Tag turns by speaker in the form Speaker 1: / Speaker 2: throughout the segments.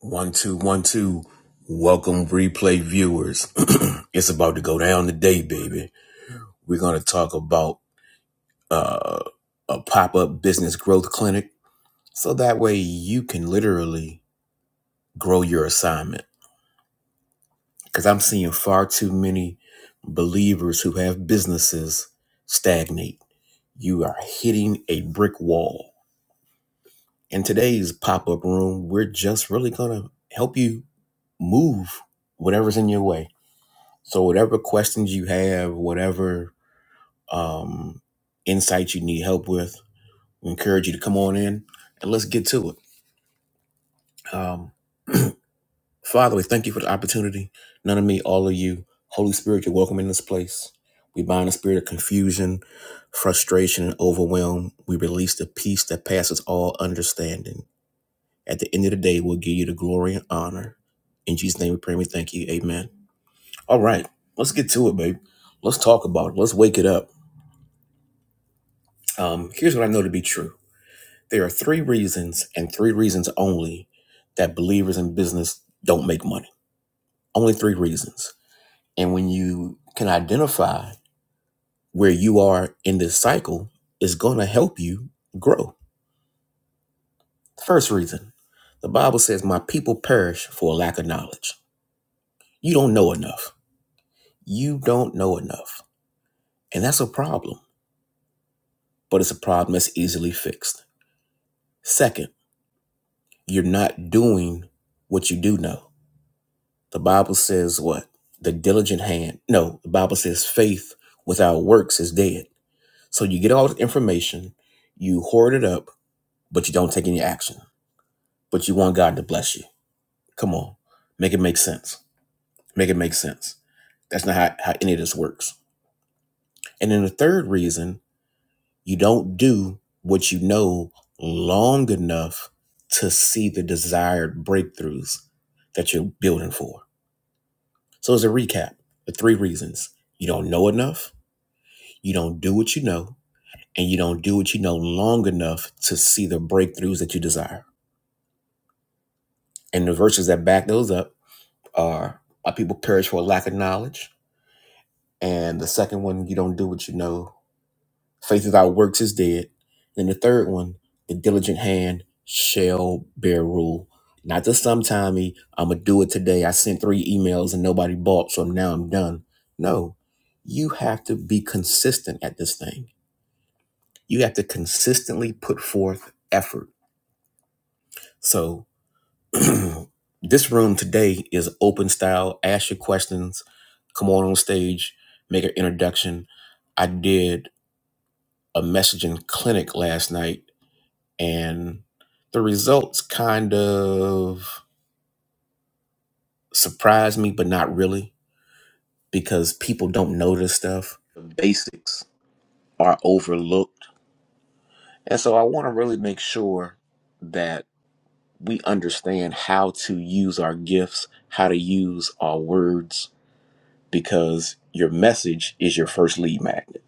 Speaker 1: One, two, one, two. Welcome, replay viewers. it's about to go down today, baby. We're going to talk about uh, a pop up business growth clinic so that way you can literally grow your assignment. Because I'm seeing far too many believers who have businesses stagnate. You are hitting a brick wall. In today's pop up room, we're just really going to help you move whatever's in your way So whatever questions you have, whatever um, insights you need help with, we encourage you to come on in and let's get to it. Um, Father, we thank you for the opportunity. None of me, all of you. Holy Spirit, you're welcome in this place. We bind the spirit of confusion, frustration, and overwhelm. We release the peace that passes all understanding. At the end of the day, we'll give you the glory and honor. In Jesus' name we pray and we thank you. Amen. All right, let's get to it, babe. Let's talk about it. Let's wake it up. Um, here's what I know to be true there are three reasons, and three reasons only, that believers in business don't make money. Only three reasons. And when you can identify where you are in this cycle, it's going to help you grow. First reason the Bible says, My people perish for a lack of knowledge. You don't know enough. You don't know enough. And that's a problem, but it's a problem that's easily fixed. Second, you're not doing what you do know The Bible says what? The diligent hand. No, the Bible says faith without works is dead. So you get all the information, you hoard it up, but you don't take any action. But you want God to bless you. Come on. Make it make sense. Make it make sense. That's not how, how any of this works. And then the third reason, you don't do what you know long enough to see the desired breakthroughs that you're building for. So as a recap, the three reasons. You don't know enough You don't do what you know, and you don't do what you know long enough to see the breakthroughs that you desire. And the verses that back those up are My people perish for a lack of knowledge. And the second one, you don't do what you know. Faith without works is dead. And the third one, the diligent hand shall bear rule. Not just sometimey, I'm going to do it today. I sent three emails and nobody bought, so now I'm done. No, you have to be consistent at this thing. You have to consistently put forth effort So this room today is open style. Ask your questions. Come on on stage. Make an introduction. I did a messaging clinic last night, and the results kind of surprised me, but not really, because people don't know this stuff. The basics are overlooked, and so I want to really make sure that we understand how to use our gifts, how to use our words because your message is your first lead magnet.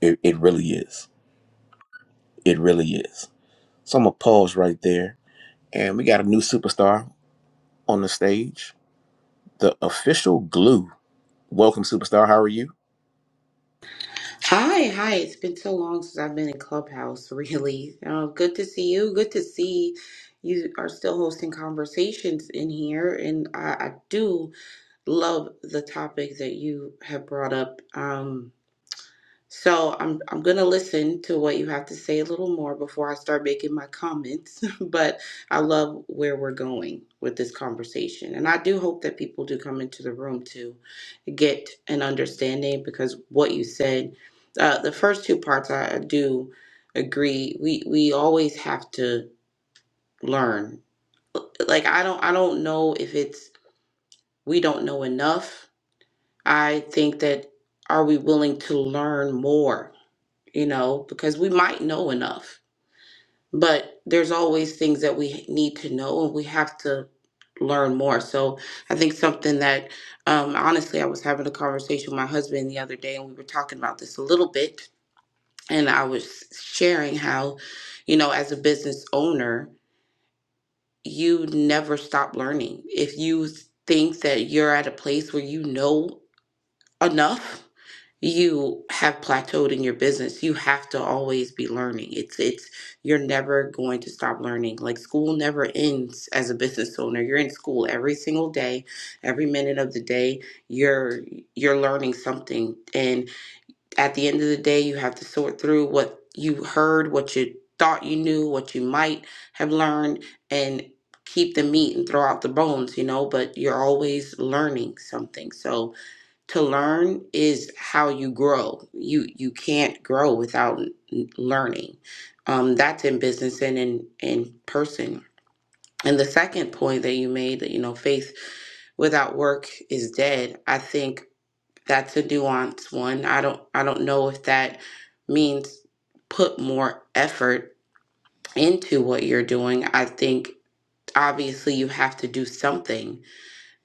Speaker 1: It, it really is. It really is. So I'm going to pause right there. And we got a new superstar on the stage, the official glue. Welcome, superstar. How are you?
Speaker 2: Hi, hi. It's been so long since I've been in Clubhouse, really. Uh, good to see you. Good to see you are still hosting conversations in here. And I, I do love the topic that you have brought up. Um, so I'm I'm gonna listen to what you have to say a little more before I start making my comments. but I love where we're going with this conversation, and I do hope that people do come into the room to get an understanding because what you said, uh, the first two parts, I do agree. We we always have to learn. Like I don't I don't know if it's we don't know enough. I think that are we willing to learn more you know, because we might know enough, but there's always things that we need to know and we have to learn more. So I think something that, um, honestly, I was having a conversation with my husband the other day and we were talking about this a little bit. And I was sharing how, you know, as a business owner, you never stop learning. If you think that you're at a place where you know enough you have plateaued in your business you have to always be learning it's it's you're never going to stop learning like school never ends as a business owner you're in school every single day every minute of the day you're you're learning something and at the end of the day you have to sort through what you heard what you thought you knew what you might have learned and keep the meat and throw out the bones you know but you're always learning something so to learn is how you grow. You you can't grow without n- learning. Um, that's in business and in in person. And the second point that you made, that you know, faith without work is dead. I think that's a nuanced one. I don't I don't know if that means put more effort into what you're doing. I think obviously you have to do something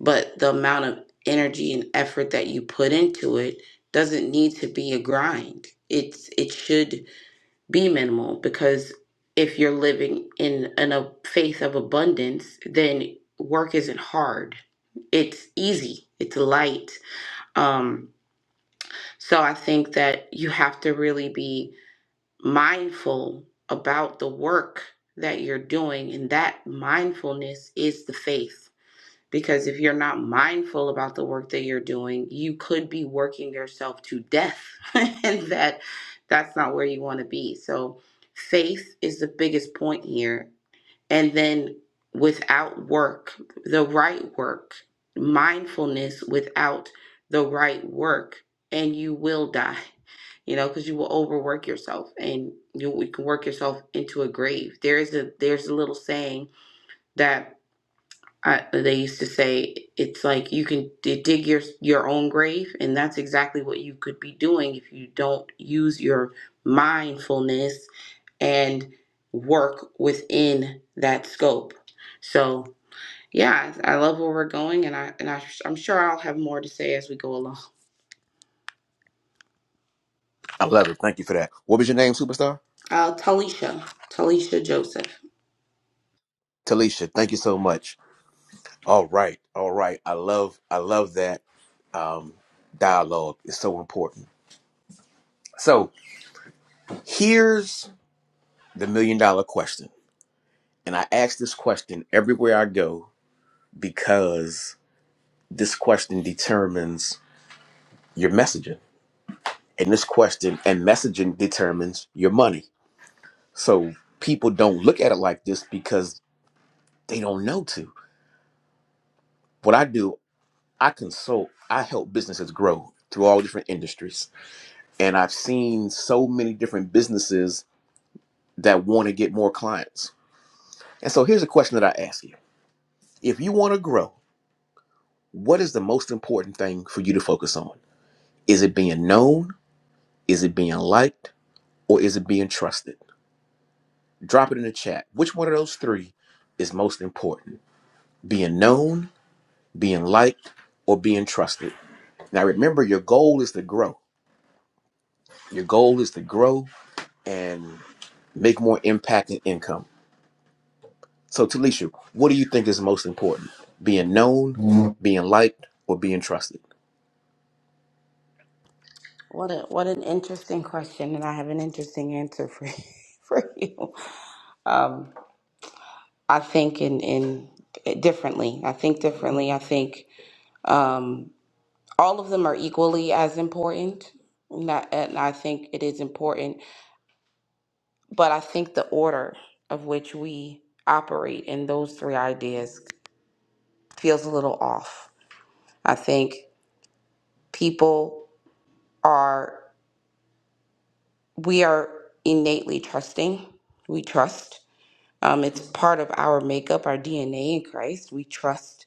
Speaker 2: but the amount of energy and effort that you put into it doesn't need to be a grind it's it should be minimal because if you're living in in a faith of abundance then work isn't hard it's easy it's light um so i think that you have to really be mindful about the work that you're doing and that mindfulness is the faith because if you're not mindful about the work that you're doing, you could be working yourself to death. and that that's not where you want to be. So faith is the biggest point here. And then without work, the right work, mindfulness without the right work, and you will die. You know, because you will overwork yourself and you, you can work yourself into a grave. There is a there's a little saying that I, they used to say it's like you can d- dig your your own grave, and that's exactly what you could be doing if you don't use your mindfulness and work within that scope. So yeah, I love where we're going, and I and I, I'm sure I'll have more to say as we go along.
Speaker 1: I love it. Thank you for that. What was your name, superstar?
Speaker 2: Uh, Talisha, Talisha Joseph.
Speaker 1: Talisha. Thank you so much. All right. All right. I love, I love that um, dialogue. It's so important. So here's the million dollar question. And I ask this question everywhere I go because this question determines your messaging and this question and messaging determines your money so people don't look at it like this because they don't know to what i do i consult i help businesses grow through all different industries and i've seen so many different businesses that want to get more clients and so here's a question that i ask you if you want to grow what is the most important thing for you to focus on is it being known is it being liked or is it being trusted Drop it in the chat. Which one of those three is most important? Being known, being liked, or being trusted? Now, remember, your goal is to grow. Your goal is to grow and make more impact and income. So, Talisha, what do you think is most important? Being known, being liked, or being trusted?
Speaker 2: What a what an interesting question, and I have an interesting answer for for you. Um, I think in in eh, differently. I think differently. I think um, all of them are equally as important. And I, and I think it is important, but I think the order of which we operate in those three ideas feels a little off. I think people are we are innately trusting. We trust. Um, it's part of our makeup, our DNA in Christ. We trust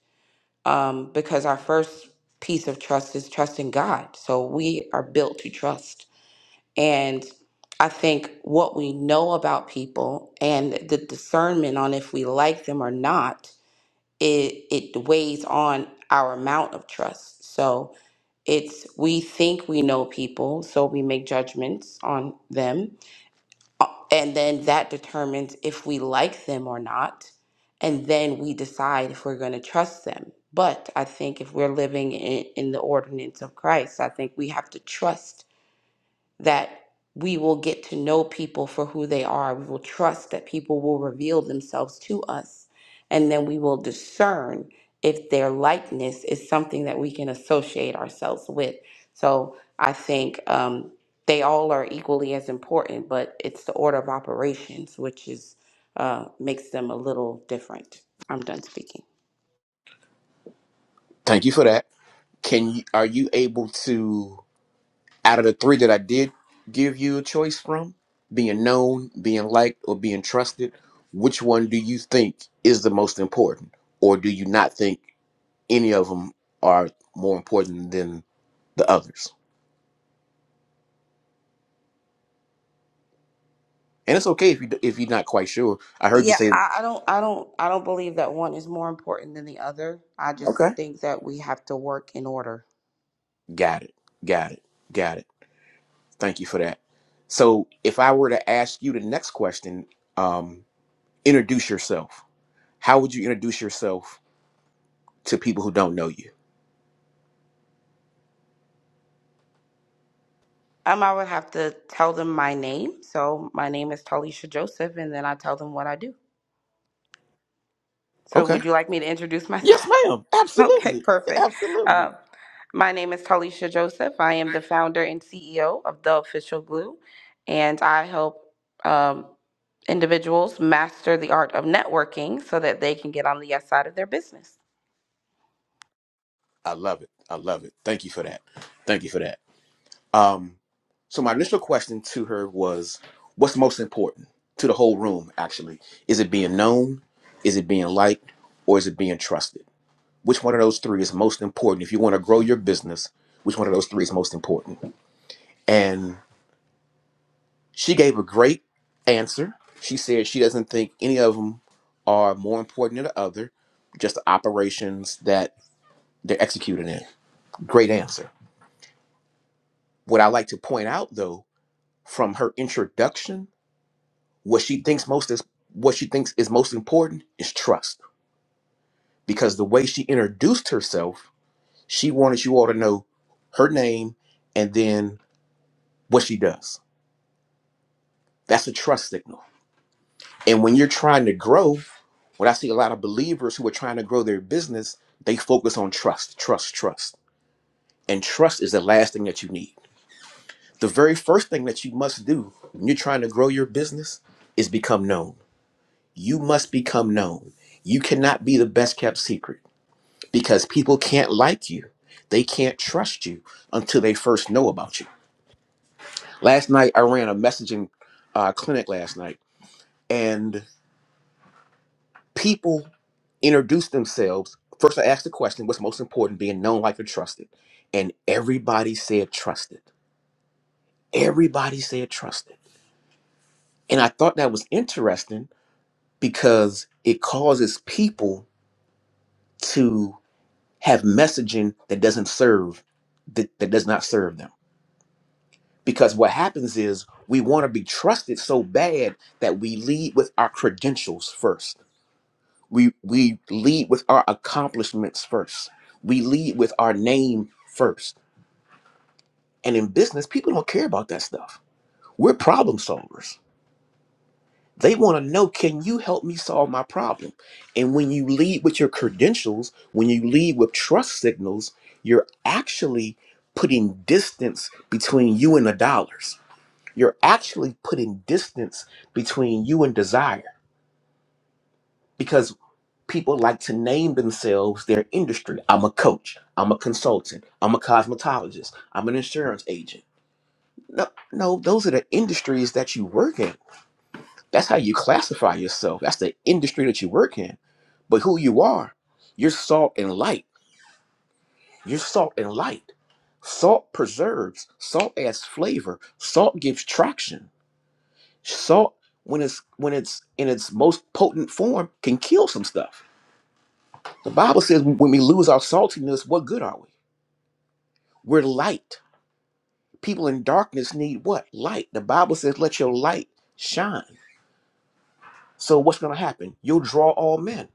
Speaker 2: um, because our first piece of trust is trusting God. So we are built to trust. And I think what we know about people and the discernment on if we like them or not, it, it weighs on our amount of trust. So it's we think we know people, so we make judgments on them and then that determines if we like them or not. And then we decide if we're going to trust them. But I think if we're living in, in the ordinance of Christ, I think we have to trust that we will get to know people for who they are. We will trust that people will reveal themselves to us. And then we will discern if their likeness is something that we can associate ourselves with. So I think um, they all are equally as important, but it's the order of operations which is uh, makes them a little different. I'm done speaking.
Speaker 1: Thank you for that. Can you, are you able to? Out of the three that I did give you a choice from, being known, being liked, or being trusted, which one do you think is the most important? Or do you not think any of them are more important than the others? And it's okay if you if you're not quite sure. I heard you
Speaker 2: Yeah,
Speaker 1: say,
Speaker 2: I, I don't I don't I don't believe that one is more important than the other. I just
Speaker 1: okay,
Speaker 2: think that we have to work in order.
Speaker 1: got it, got it, got it. Thank you for that. So if I were to ask you the next question, um, introduce yourself. How would you introduce yourself to people who don't know you?
Speaker 2: Um, I would have to tell them my name. So my name is Talisha Joseph, and then I tell them what I do. So
Speaker 1: Okay.
Speaker 2: would you like me to introduce myself?
Speaker 1: Yes, ma'am.
Speaker 2: Okay,
Speaker 1: Absolutely.
Speaker 2: perfect.
Speaker 1: Absolutely.
Speaker 2: Uh, my name is Talisha Joseph. I am the founder and CEO of The Official Glue, and I help um, individuals master the art of networking so that they can get on the yes side of their business.
Speaker 1: I love it. I love it. Thank you for that. Thank you for that. Um, so my initial question to her was, what's most important to the whole room, actually? Is it being known? Is it being liked? Or is it being trusted? Which one of those three is most important? If you want to grow your business, which one of those three is most important? And she gave a great answer. She said she doesn't think any of them are more important than the other, just the operations that they're executed in Great answer. What I like to point out though, from her introduction, what she thinks most is what she thinks is most important is trust. Because the way she introduced herself, she wanted you all to know her name and then what she does. That's a trust signal. And when you're trying to grow, what I see a lot of believers who are trying to grow their business, they focus on trust, trust, trust. And trust is the last thing that you need. The very first thing that you must do when you're trying to grow your business is become known You must become known. You cannot be the best kept secret because people can't like you. They can't trust you until they first know about you. Last night, I ran a messaging uh, clinic last night, and people introduced themselves. First, I asked the question what's most important, being known, like, or trusted? And everybody said trusted. Everybody said trusted. And I thought that was interesting because it causes people to have messaging that doesn't serve that, that does not serve them because what happens is we want to be trusted so bad that we lead with our credentials first we we lead with our accomplishments first we lead with our name first and in business people don't care about that stuff we're problem solvers They want to know, can you help me solve my problem? And when you lead with your credentials, when you lead with trust signals, you're actually putting distance between you and the dollars. You're actually putting distance between you and desire because people like to name themselves their industry. I'm a coach. I'm a consultant. I'm a cosmetologist. I'm an insurance agent. No, no, those are the industries that you work in That's how you classify yourself. That's the industry that you work in. But who you are, you're salt and light. You're salt and light. Salt preserves. Salt adds flavor. Salt gives traction. Salt, when it's when it's in its most potent form, can kill some stuff. The Bible says when we lose our saltiness, what good are we? We're light. People in darkness need what? Light. The Bible says, let your light shine. So what's gonna happen? You'll draw all men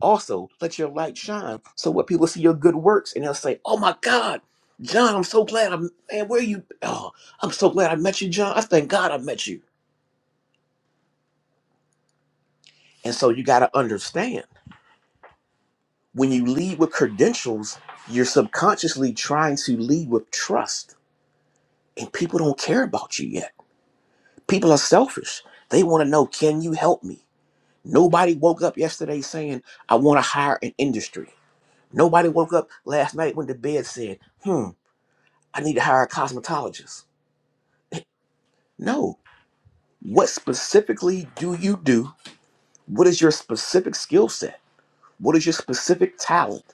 Speaker 1: Also, let your light shine so what people see your good works and they'll say, Oh my God, John, I'm so glad I'm, man, where you? Oh, I'm so glad I met you, John. I thank God I met you. And so you got to understand when you lead with credentials, you're subconsciously trying to lead with trust. And people don't care about you yet. People are selfish. They want to know, Can you help me? Nobody woke up yesterday saying, I want to hire an industry. Nobody woke up last night when the bed said, Hmm. I need to hire a cosmetologist. No. What specifically do you do? What is your specific skill set? What is your specific talent?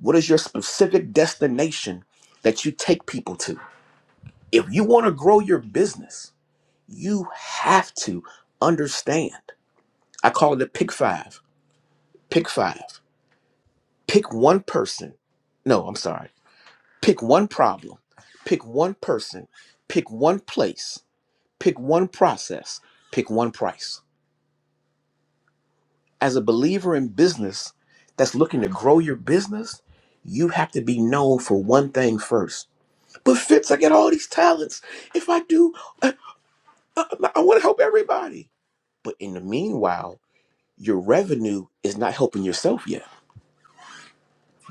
Speaker 1: What is your specific destination that you take people to? If you want to grow your business, you have to understand. I call it the pick five. Pick five. Pick one person. No, I'm sorry. Pick one problem. Pick one person. Pick one place. Pick one process. Pick one price as a believer in business that's looking to grow your business, you have to be known for one thing first. But Fitz, I get all these talents. If I do, I, I want to help everybody. But in the meanwhile, your revenue is not helping yourself yet.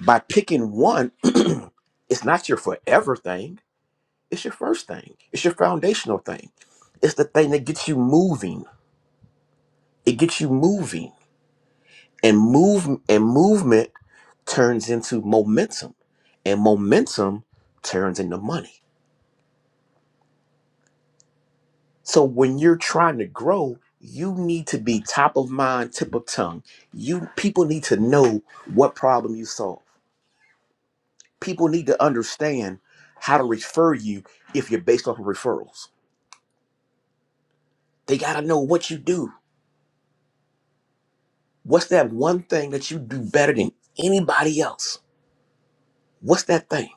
Speaker 1: By picking one, it's not your forever thing. It's your first thing. It's your foundational thing. It's the thing that gets you moving. It gets you moving and move and movement turns into momentum and momentum turns into money so when you're trying to grow you need to be top of mind tip of tongue you people need to know what problem you solve people need to understand how to refer you if you're based off of referrals they got to know what you do what's that one thing that you do better than anybody else what's that thing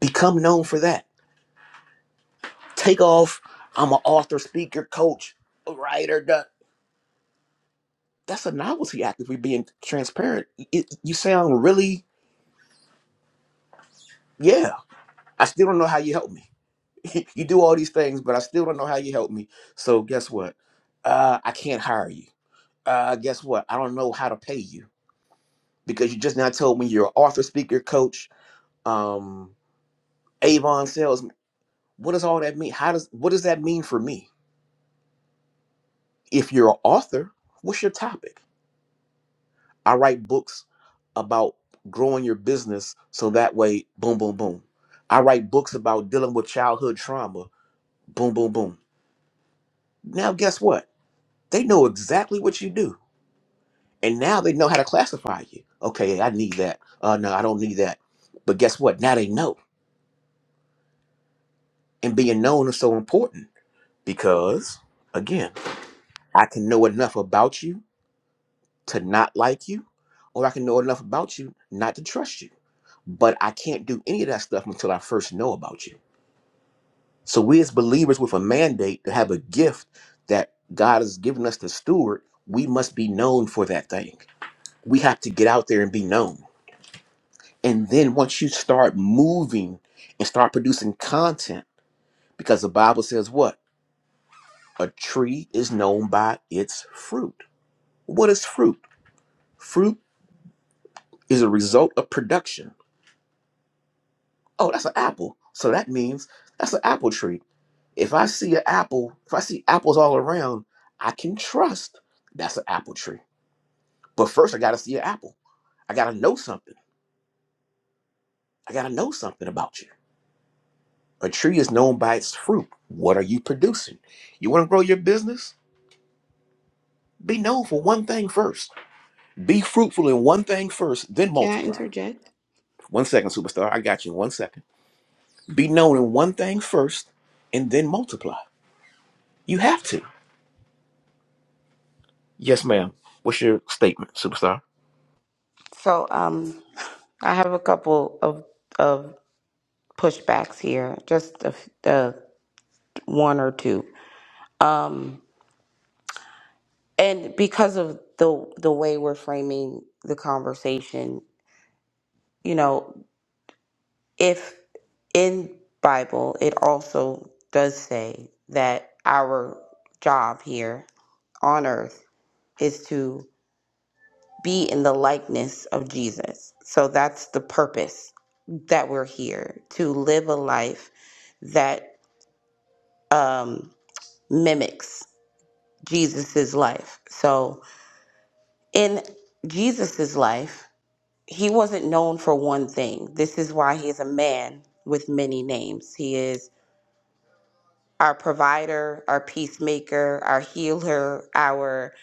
Speaker 1: become known for that take off. I'm an author, speaker, coach, writer. Da. That's a novelty act. If we're being transparent, it, you sound really, yeah. I still don't know how you help me. you do all these things, but I still don't know how you help me. So guess what? Uh, I can't hire you. Uh, guess what? I don't know how to pay you because you just now told me you're an author, speaker, coach, um, Avon salesman. What does all that mean? How does what does that mean for me? If you're an author, what's your topic? I write books about growing your business so that way, boom, boom, boom. I write books about dealing with childhood trauma, boom, boom, boom. Now, guess what? They know exactly what you do. And now they know how to classify you. Okay, I need that. Uh, no, I don't need that. But guess what? Now they know. And being known is so important because, again, I can know enough about you to not like you, or I can know enough about you not to trust you. But I can't do any of that stuff until I first know about you. So we as believers with a mandate to have a gift that God has given us to steward, we must be known for that thing. We have to get out there and be known. And then once you start moving and start producing content, because the Bible says what? A tree is known by its fruit. What is fruit? Fruit is a result of production oh, that's an apple. So that means that's an apple tree. If I see an apple, if I see apples all around, I can trust that's an apple tree. But first, I got to see an apple. I got to know something. I got to know something about you. A tree is known by its fruit. What are you producing? You want to grow your business? Be known for one thing first. Be fruitful in one thing first, then
Speaker 2: Can I
Speaker 1: multiply.
Speaker 2: interject?
Speaker 1: One second, superstar. I got you in one second. Be known in one thing first, and then multiply. You have to. Yes, ma'am. What's your statement, superstar?
Speaker 2: So, um, I have a couple of of pushbacks here, just a, f- uh, one or two, um, and because of the the way we're framing the conversation, you know. if in bible it also does say that our job here on earth is to be in the likeness of jesus so that's the purpose that we're here to live a life that um, mimics jesus's life so in jesus's life he wasn't known for one thing this is why he's a man with many names he is our provider, our peacemaker, our healer, our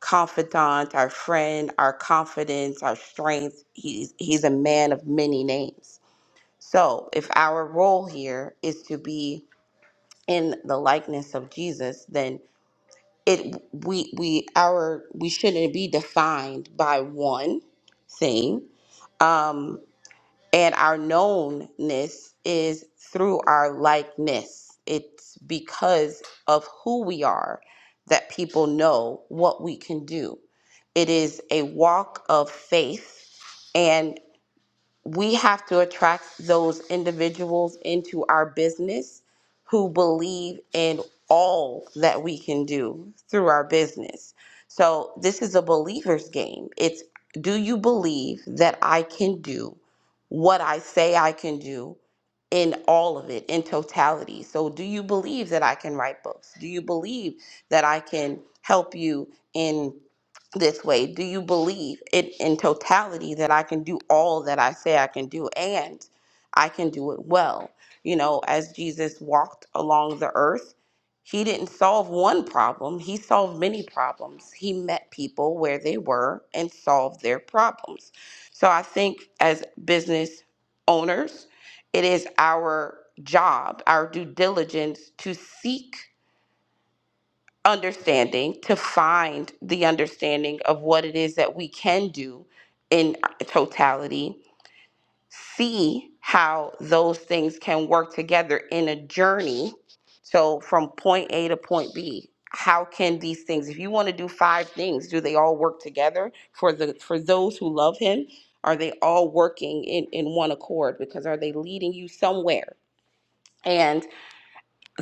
Speaker 2: confidant, our friend, our confidence, our strength. He's he's a man of many names. So, if our role here is to be in the likeness of Jesus, then it we we our we shouldn't be defined by one thing. Um and our knownness is through our likeness. It's because of who we are that people know what we can do. It is a walk of faith, and we have to attract those individuals into our business who believe in all that we can do through our business. So, this is a believer's game. It's do you believe that I can do what I say I can do in all of it, in totality? So, do you believe that I can write books? Do you believe that I can help you in this way? Do you believe it in totality that I can do all that I say I can do and I can do it well? You know, as Jesus walked along the earth, he didn't solve one problem, he solved many problems. He met people where they were and solved their problems. So I think as business owners, it is our job, our due diligence to seek understanding to find the understanding of what it is that we can do in totality see how those things can work together in a journey so from point a to point b how can these things if you want to do five things do they all work together for the for those who love him are they all working in in one accord because are they leading you somewhere and?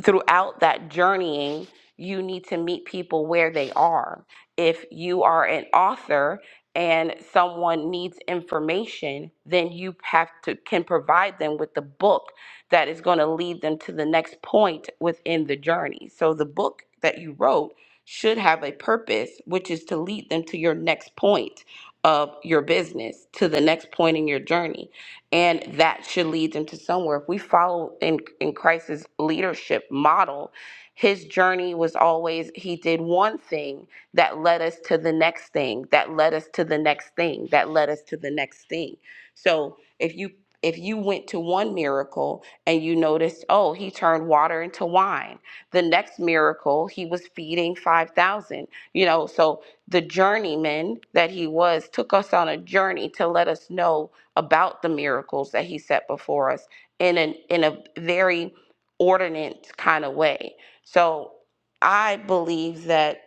Speaker 2: throughout that journeying, you need to meet people where they are. If you are an author and someone needs information, then you have to can provide them with the book that is going to lead them to the next point within the journey. So the book that you wrote should have a purpose, which is to lead them to your next point of your business, to the next point in your journey and that should lead them to somewhere. If we follow in in Christ's leadership model, his journey was always he did one thing that led us to the next thing, that led us to the next thing, that led us to the next thing. So if you if you went to one miracle and you noticed, oh, he turned water into wine. The next miracle, he was feeding 5,000. You know, so the journeyman that he was took us on a journey to let us know about the miracles that he set before us in an in a very ordinate kind of way. So I believe that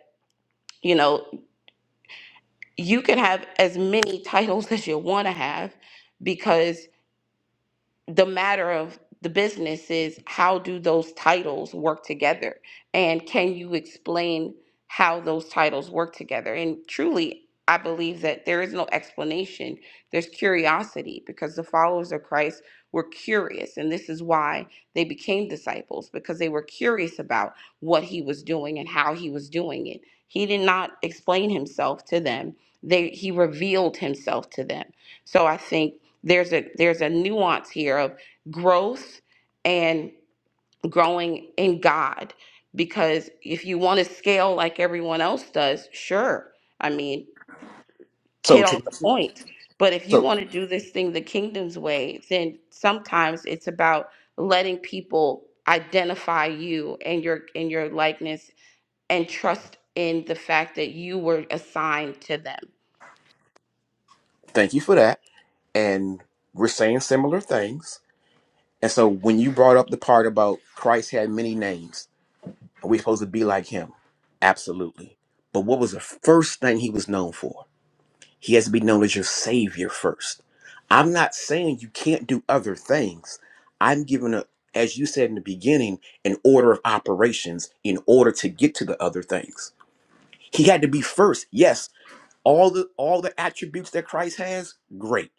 Speaker 2: you know you can have as many titles as you want to have because the matter of the business is how do those titles work together and can you explain how those titles work together and truly i believe that there is no explanation there's curiosity because the followers of christ were curious and this is why they became disciples because they were curious about what he was doing and how he was doing it he did not explain himself to them they he revealed himself to them so i think there's a there's a nuance here of growth and growing in God because if you want to scale like everyone else does, sure. I mean,
Speaker 1: So,
Speaker 2: hit all
Speaker 1: to,
Speaker 2: the points. But if you
Speaker 1: so
Speaker 2: want to do this thing the kingdom's way, then sometimes it's about letting people identify you and your and your likeness and trust in the fact that you were assigned to them
Speaker 1: thank you for that. And we're saying similar things. And so, when you brought up the part about Christ had many names, are we supposed to be like him? Absolutely. But what was the first thing he was known for? He has to be known as your Savior first. I'm not saying you can't do other things. I'm giving a, as you said in the beginning, an order of operations in order to get to the other things. He had to be first, yes, all the all the attributes that Christ has, great.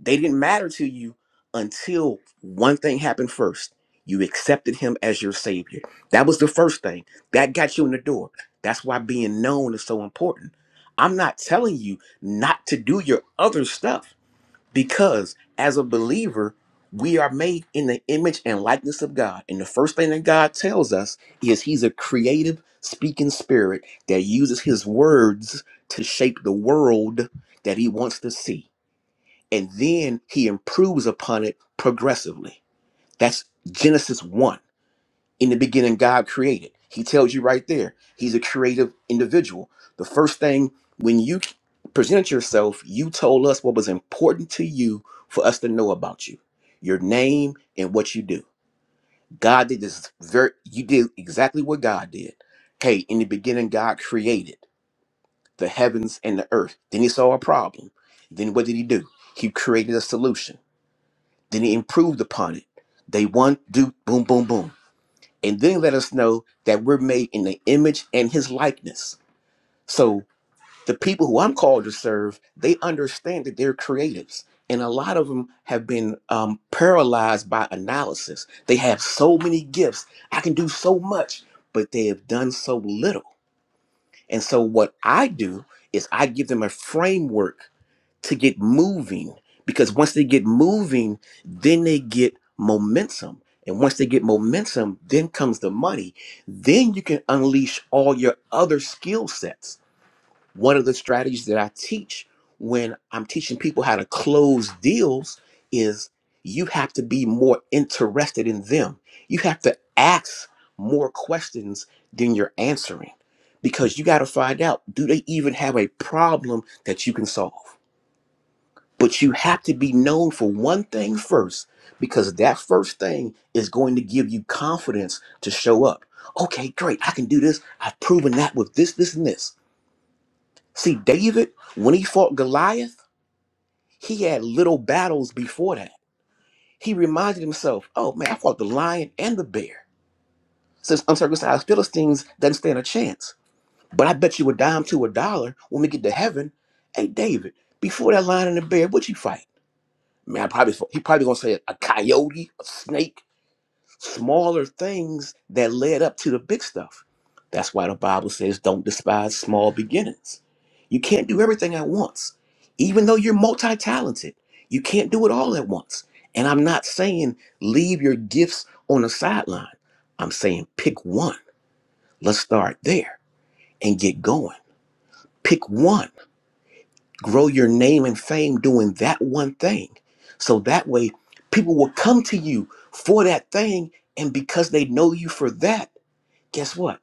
Speaker 1: They didn't matter to you until one thing happened first. You accepted him as your savior. That was the first thing. That got you in the door. That's why being known is so important. I'm not telling you not to do your other stuff. Because as a believer, we are made in the image and likeness of God. And the first thing that God tells us is He's a creative speaking spirit that uses His words to shape the world that He wants to see. And then He improves upon it progressively. That's Genesis 1 in the beginning god created he tells you right there he's a creative individual the first thing when you presented yourself you told us what was important to you for us to know about you your name and what you do god did this very you did exactly what god did okay in the beginning god created the heavens and the earth then he saw a problem then what did he do he created a solution then he improved upon it day one do boom boom boom and then let us know that we're made in the image and his likeness. So the people who I'm called to serve, they understand that they're creatives. And a lot of them have been um, paralyzed by analysis. They have so many gifts. I can do so much, but they have done so little. And so what I do is I give them a framework to get moving because once they get moving, then they get momentum. And once they get momentum, then comes the money. Then you can unleash all your other skill sets. One of the strategies that I teach when I'm teaching people how to close deals is you have to be more interested in them. You have to ask more questions than you're answering because you got to find out do they even have a problem that you can solve? But you have to be known for one thing first, because that first thing is going to give you confidence to show up. Okay, great, I can do this. I've proven that with this, this, and this. See, David, when he fought Goliath, he had little battles before that. He reminded himself, oh man, I fought the lion and the bear. Since uncircumcised Philistines doesn't stand a chance. But I bet you a dime to a dollar when we get to heaven. Hey, David, before that lion and the bear, what you fight? man, I probably he probably gonna say a a coyote, a snake, smaller things that led up to the big stuff. That's why the Bible says, "Don't despise small beginnings." You can't do everything at once, even though you're multi-talented. You can't do it all at once. And I'm not saying leave your gifts on the sideline. I'm saying pick one. Let's start there and get going. Pick one. grow your name and fame doing that one thing. So that way, people will come to you for that thing. And because they know you for that, guess what?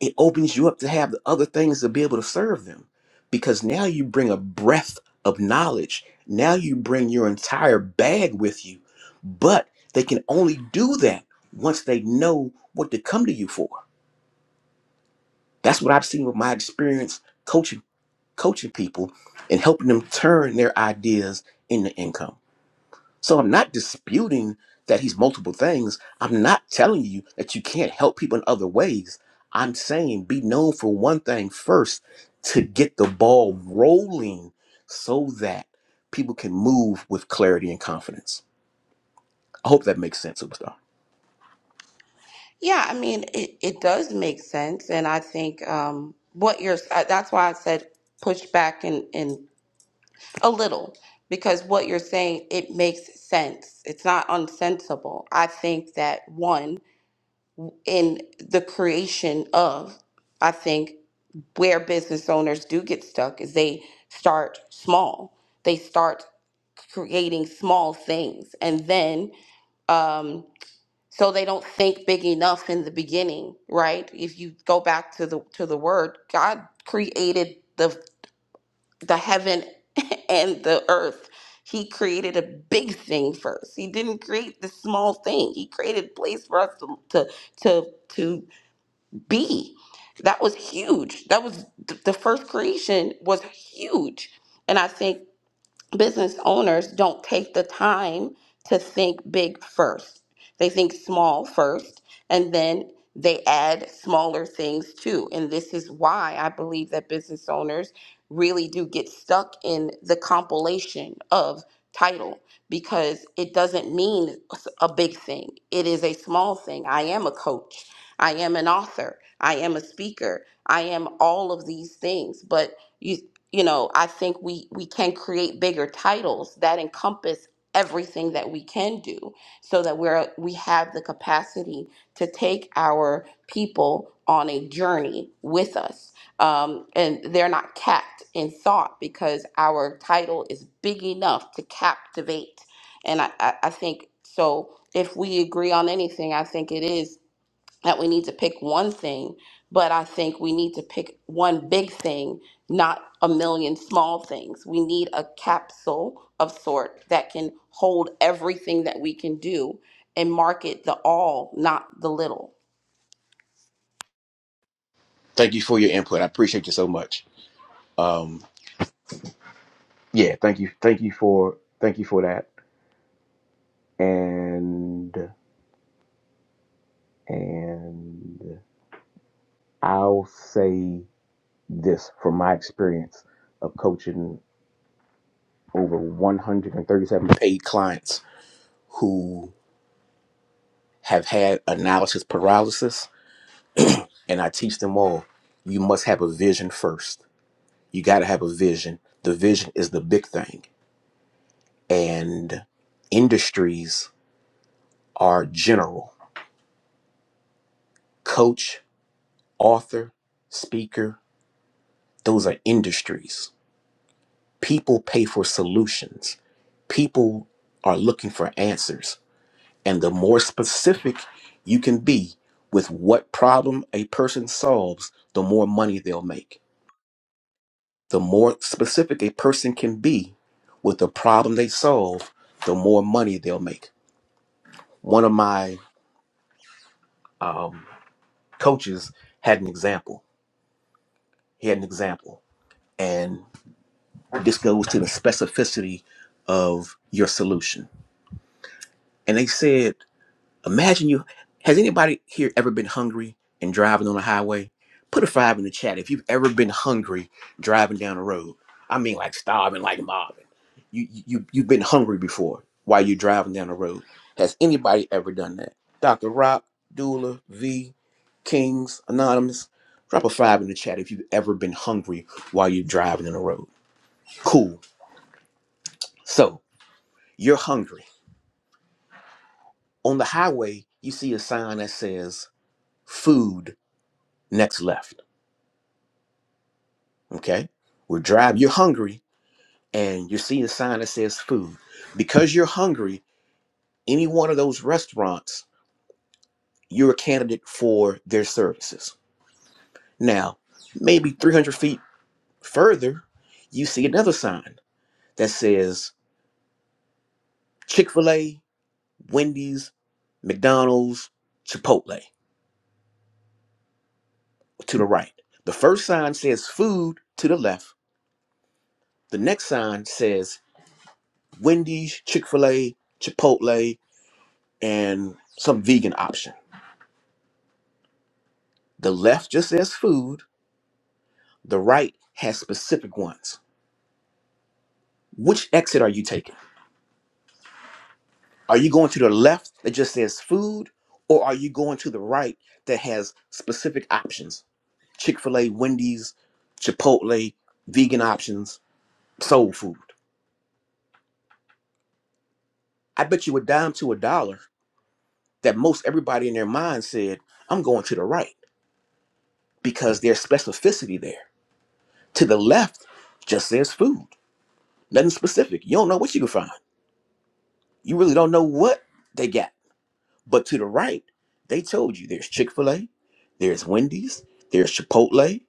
Speaker 1: It opens you up to have the other things to be able to serve them because now you bring a breadth of knowledge. Now you bring your entire bag with you. But they can only do that once they know what to come to you for. That's what I've seen with my experience coaching coaching people and helping them turn their ideas into income. So I'm not disputing that he's multiple things. I'm not telling you that you can't help people in other ways. I'm saying be known for one thing first to get the ball rolling so that people can move with clarity and confidence. I hope that makes sense, Superstar.
Speaker 2: Yeah, I mean, it, it does make sense. And I think um, what you're, uh, that's why I said push back in in a little, because what you're saying, it makes sense. It's not unsensible. I think that one, in the creation of, I think where business owners do get stuck is they start small. They start creating small things. And then, um, so they don't think big enough in the beginning right if you go back to the to the word god created the the heaven and the earth he created a big thing first he didn't create the small thing he created a place for us to to to, to be that was huge that was th- the first creation was huge and i think business owners don't take the time to think big first. They think small first, and then they add smaller things too. And this is why I believe that business owners really do get stuck in the compilation of title because it doesn't mean a big thing, it is a small thing. I am a coach, I am an author, I am a speaker, I am all of these things. But you you know i think we we can create bigger titles that encompass everything that we can do so that we're we have the capacity to take our people on a journey with us um, and they're not capped in thought because our title is big enough to captivate and i i, I think so if we agree on anything i think it is that we need to pick one thing, but I think we need to pick one big thing, not a million small things. We need a capsule of sort that can hold everything that we can do and market the all, not the little.
Speaker 1: Thank you for your input. I appreciate you so much. Um, yeah, thank you. Thank you for thank you for that. And and I'll say this from my experience of coaching over 137 paid clients who have had analysis paralysis, and I teach them all you must have a vision first. You got to have a vision. The vision is the big thing, and industries are general. Coach, author, speaker, those are industries. People pay for solutions, people are looking for answers And the more specific you can be with what problem a person solves, the more money they'll make. The more specific a person can be with the problem they solve, the more money they'll make. One of my um, coaches had an example. He had an example. And this goes to the specificity of your solution. And they said, Imagine you. Has anybody here ever been hungry and driving on the highway? Put a five in the chat if you've ever been hungry driving down the road. I mean, like starving, like Marvin. You you you've been hungry before while you're driving down the road. Has anybody ever done that? Dr. Rock, Dula, V, Kings, Anonymous. Drop a five in the chat if you've ever been hungry while you're driving on the road. Cool. So you're hungry on the highway. You see a sign that says "Food next left." okay we're driving you're hungry and you see a sign that says food because you're hungry any one of those restaurants you're a candidate for their services now maybe 300 feet further you see another sign that says chick-fil-a wendy's mcdonald's chipotle to the right the first sign says food to the left the next sign says wendy's chick-fil-a chipotle and some vegan option The left just says food, the right has specific ones. Which exit are you taking? Are you going to the left that just says food, or are you going to the right that has specific options? Chick fil A, Wendy's, Chipotle, vegan options, soul food. I bet you a dime to a dollar that most everybody in their mind said, I'm going to the right because there's specificity there. To the left just says food, nothing specific. You don't know what you can find. You really don't know what they got But to the right, they told you there's Chick fil A, there's Wendy's, there's Chipotle,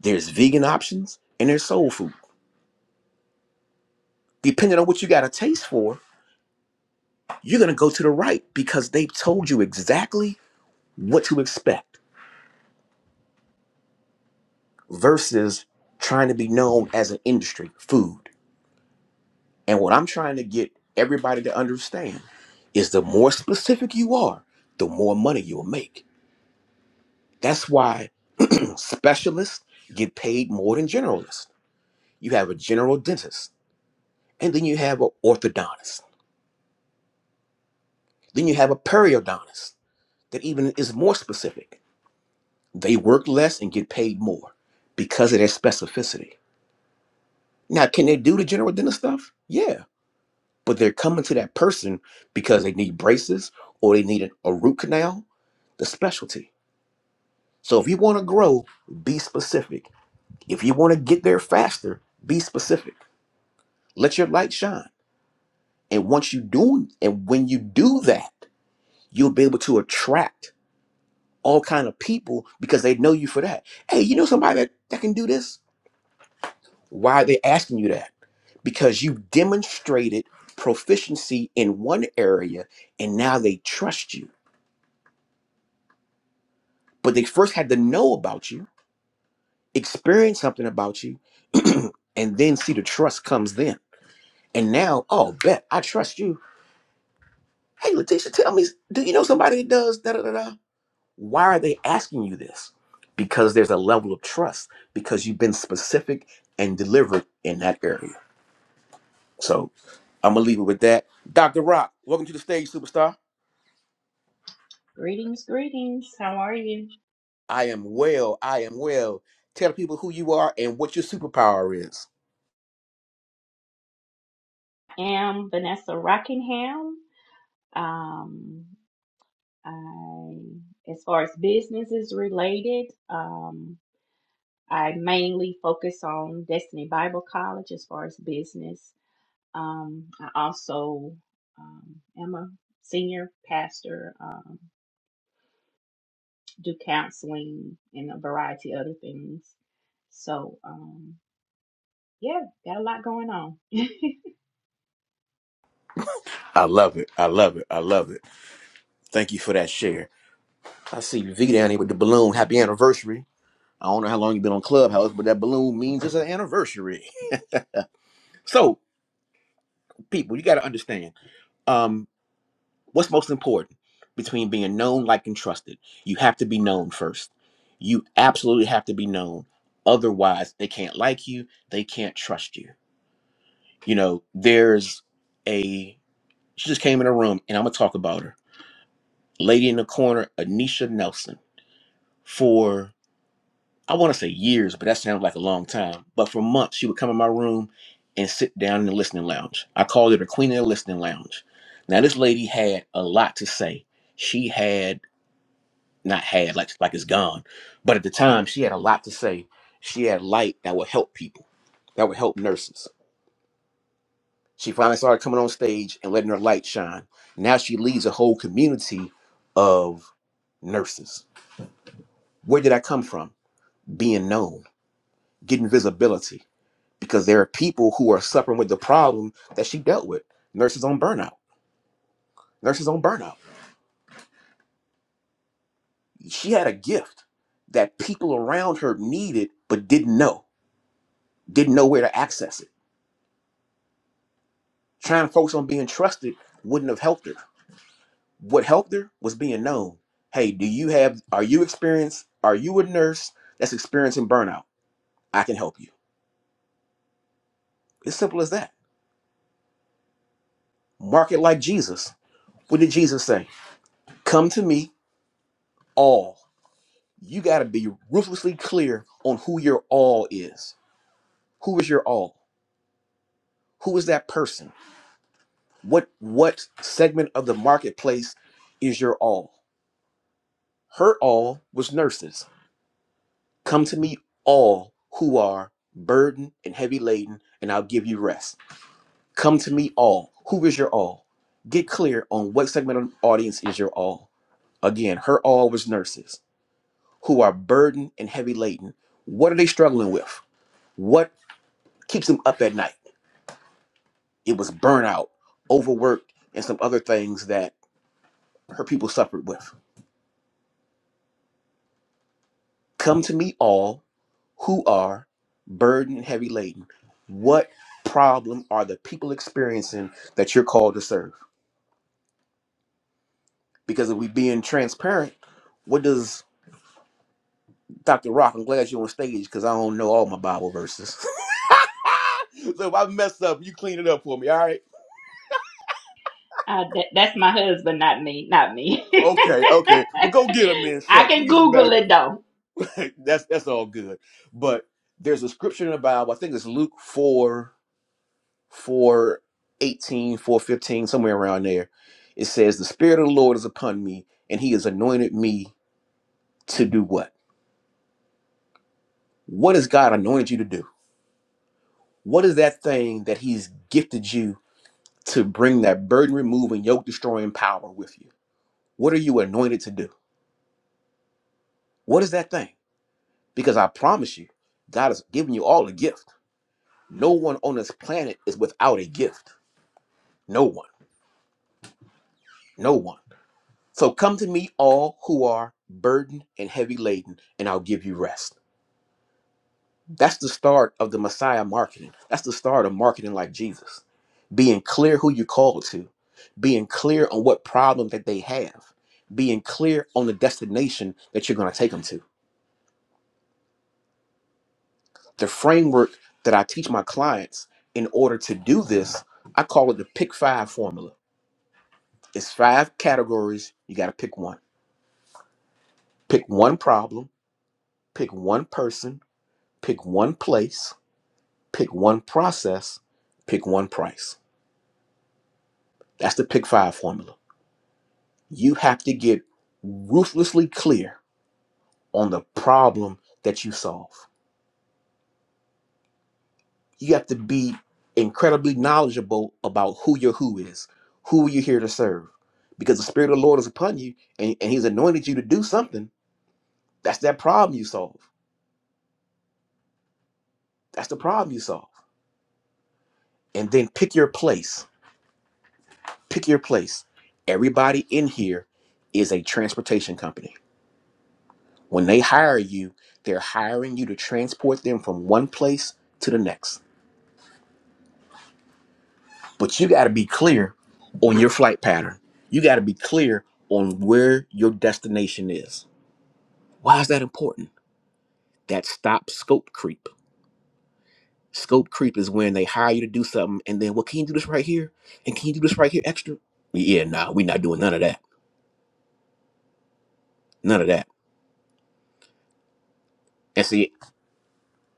Speaker 1: there's vegan options, and there's soul food. Depending on what you got a taste for, you're going to go to the right because they've told you exactly what to expect versus trying to be known as an industry, food. And what I'm trying to get everybody to understand is the more specific you are, the more money you'll make. That's why specialists get paid more than generalists you have a general dentist, and then you have an orthodontist. Then you have a periodontist that even is more specific. They work less and get paid more because of their specificity. Now, can they do the general dentist stuff? Yeah, but they're coming to that person because they need braces or they need a root canal, the specialty. So if you want to grow, be specific. If you want to get there faster, be specific. Let your light shine. And once you do, and when you do that, you'll be able to attract all kind of people because they know you for that. Hey, you know somebody that, that can do this? Why are they asking you that? Because you demonstrated proficiency in one area and now they trust you. But they first had to know about you, experience something about you, and then see the trust comes then. And now, oh, bet I trust you. Hey, Letitia, tell me, do you know somebody that does da da da? da? Why are they asking you this? Because there's a level of trust because you've been specific and delivered in that area. So I'm gonna leave it with that. Dr. Rock, welcome to the stage, superstar.
Speaker 3: Greetings, greetings. How are you?
Speaker 1: I am well. I am well. Tell the people who you are and what your superpower is.
Speaker 3: I am Vanessa Rockingham. Um, I, as far as business is related, um, I mainly focus on Destiny Bible College as far as business. Um, I also um, am a senior pastor, um, do counseling and a variety of other things. So, um, yeah, got a lot going on.
Speaker 1: I love it. I love it. I love it. Thank you for that share. I see you V down here with the balloon. Happy anniversary. I don't know how long you've been on Clubhouse, but that balloon means it's an anniversary. So, people, you got to understand. Um. What's most important between being known, liked, and trusted? You have to be known first. You absolutely have to be known. Otherwise, they can't like you, they can't trust you. You know, there's a, she just came in a room and I'm going to talk about her. Lady in the corner, Anisha Nelson, for, I want to say years, but that sounds like a long time. But for months, she would come in my room and sit down in the listening lounge. I called it a queen in the listening lounge. Now, this lady had a lot to say. She had not had like like it's gone but at the time she had a lot to say she had light that would help people that would help nurses she finally started coming on stage and letting her light shine now she leads a whole community of nurses where did i come from being known getting visibility because there are people who are suffering with the problem that she dealt with nurses on burnout nurses on burnout she had a gift that people around her needed but didn't know didn't know where to access it Trying to focus on being trusted wouldn't have helped her. What helped her was being known. Hey, do you have, are you experienced? Are you a nurse that's experiencing burnout? I can help you. It's simple as that. Market like Jesus. What did Jesus say? Come to me, all. You got to be ruthlessly clear on who your all is. Who is your all? Who is that person? What what segment of the marketplace is your all? Her all was nurses. Come to me, all who are burdened and heavy laden, and I'll give you rest. Come to me, all. Who is your all? Get clear on what segment of the audience is your all. Again, her all was nurses who are burdened and heavy laden. What are they struggling with? What keeps them up at night? It was burnout, overworked, and some other things that her people suffered with. Come to me, all who are burdened and heavy laden. What problem are the people experiencing that you're called to serve? Because if we being transparent, what does Dr. Rock? I'm glad you're on stage because I don't know all my Bible verses. so if I mess up, you clean it up for me, all right?
Speaker 3: Uh, that, that's my husband, not me, not me.
Speaker 1: Okay, okay. Well, go get them then,
Speaker 3: I
Speaker 1: shucks. We
Speaker 3: can
Speaker 1: need some
Speaker 3: Google
Speaker 1: backup.
Speaker 3: it though.
Speaker 1: that's that's all good. But there's a scripture in the Bible. I think it's Luke four. four eighteen, four fifteen, somewhere around there. It says, The Spirit of the Lord is upon me, and He has anointed me to do what? What has God anointed you to do? What is that thing that He's gifted you to bring that burden removing, yoke destroying power with you? What are you anointed to do? What is that thing? Because I promise you, God has given you all a gift. No one on this planet is without a gift. No one. No one. So come to me, all who are burdened and heavy laden, and I'll give you rest. That's the start of the Messiah marketing. That's the start of marketing like Jesus. Being clear who you called to, being clear on what problem that they have, being clear on the destination that you're going to take them to. The framework that I teach my clients in order to do this, I call it the pick five formula. It's five categories. You got to pick one. Pick one problem, pick one person, pick one place, Pick one process, pick one price. That's the pick five formula. You have to get ruthlessly clear on the problem that you solve. You have to be incredibly knowledgeable about who your who is, who you're here to serve. Because the Spirit of the Lord is upon you and, and He's anointed you to do something. That's that problem you solve. That's the problem you solve. And then pick your place. Pick your place. Everybody in here is a transportation company When they hire you, they're hiring you to transport them from one place to the next. But you got to be clear on your flight pattern. You got to be clear on where your destination is. Why is that important? That stops scope creep. Scope creep is when they hire you to do something and then, well, can you do this right here? And can you do this right here extra? Yeah, nah, we're not doing none of that. None of that. And see,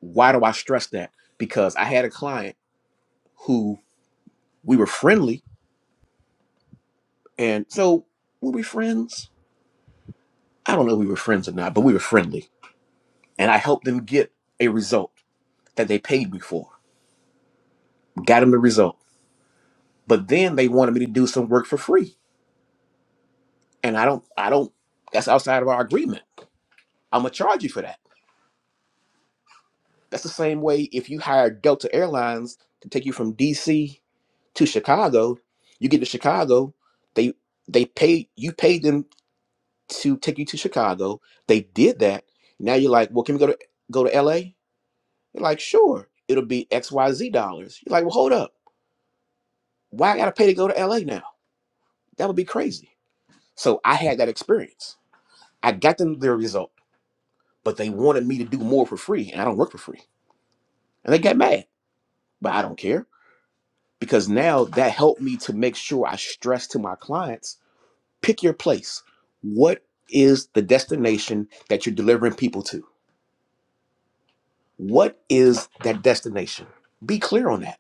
Speaker 1: why do I stress that? Because I had a client who we were friendly. And so were we friends? I don't know if we were friends or not, but we were friendly. And I helped them get a result that they paid me for. Got them the result. But then they wanted me to do some work for free. And I don't, I don't, that's outside of our agreement. I'm going to charge you for that. That's the same way if you hire Delta Airlines to take you from DC to Chicago, you get to Chicago, they, they pay, you paid them to take you to Chicago. They did that. Now you're like, well, can we go to, go to LA? You're like, sure, it'll be XYZ dollars. You're like, well, hold up. Why I gotta pay to go to LA now? That would be crazy. So I had that experience. I got them their result, but they wanted me to do more for free, and I don't work for free. And they got mad, but I don't care because now that helped me to make sure I stress to my clients pick your place. What is the destination that you're delivering people to? What is that destination? Be clear on that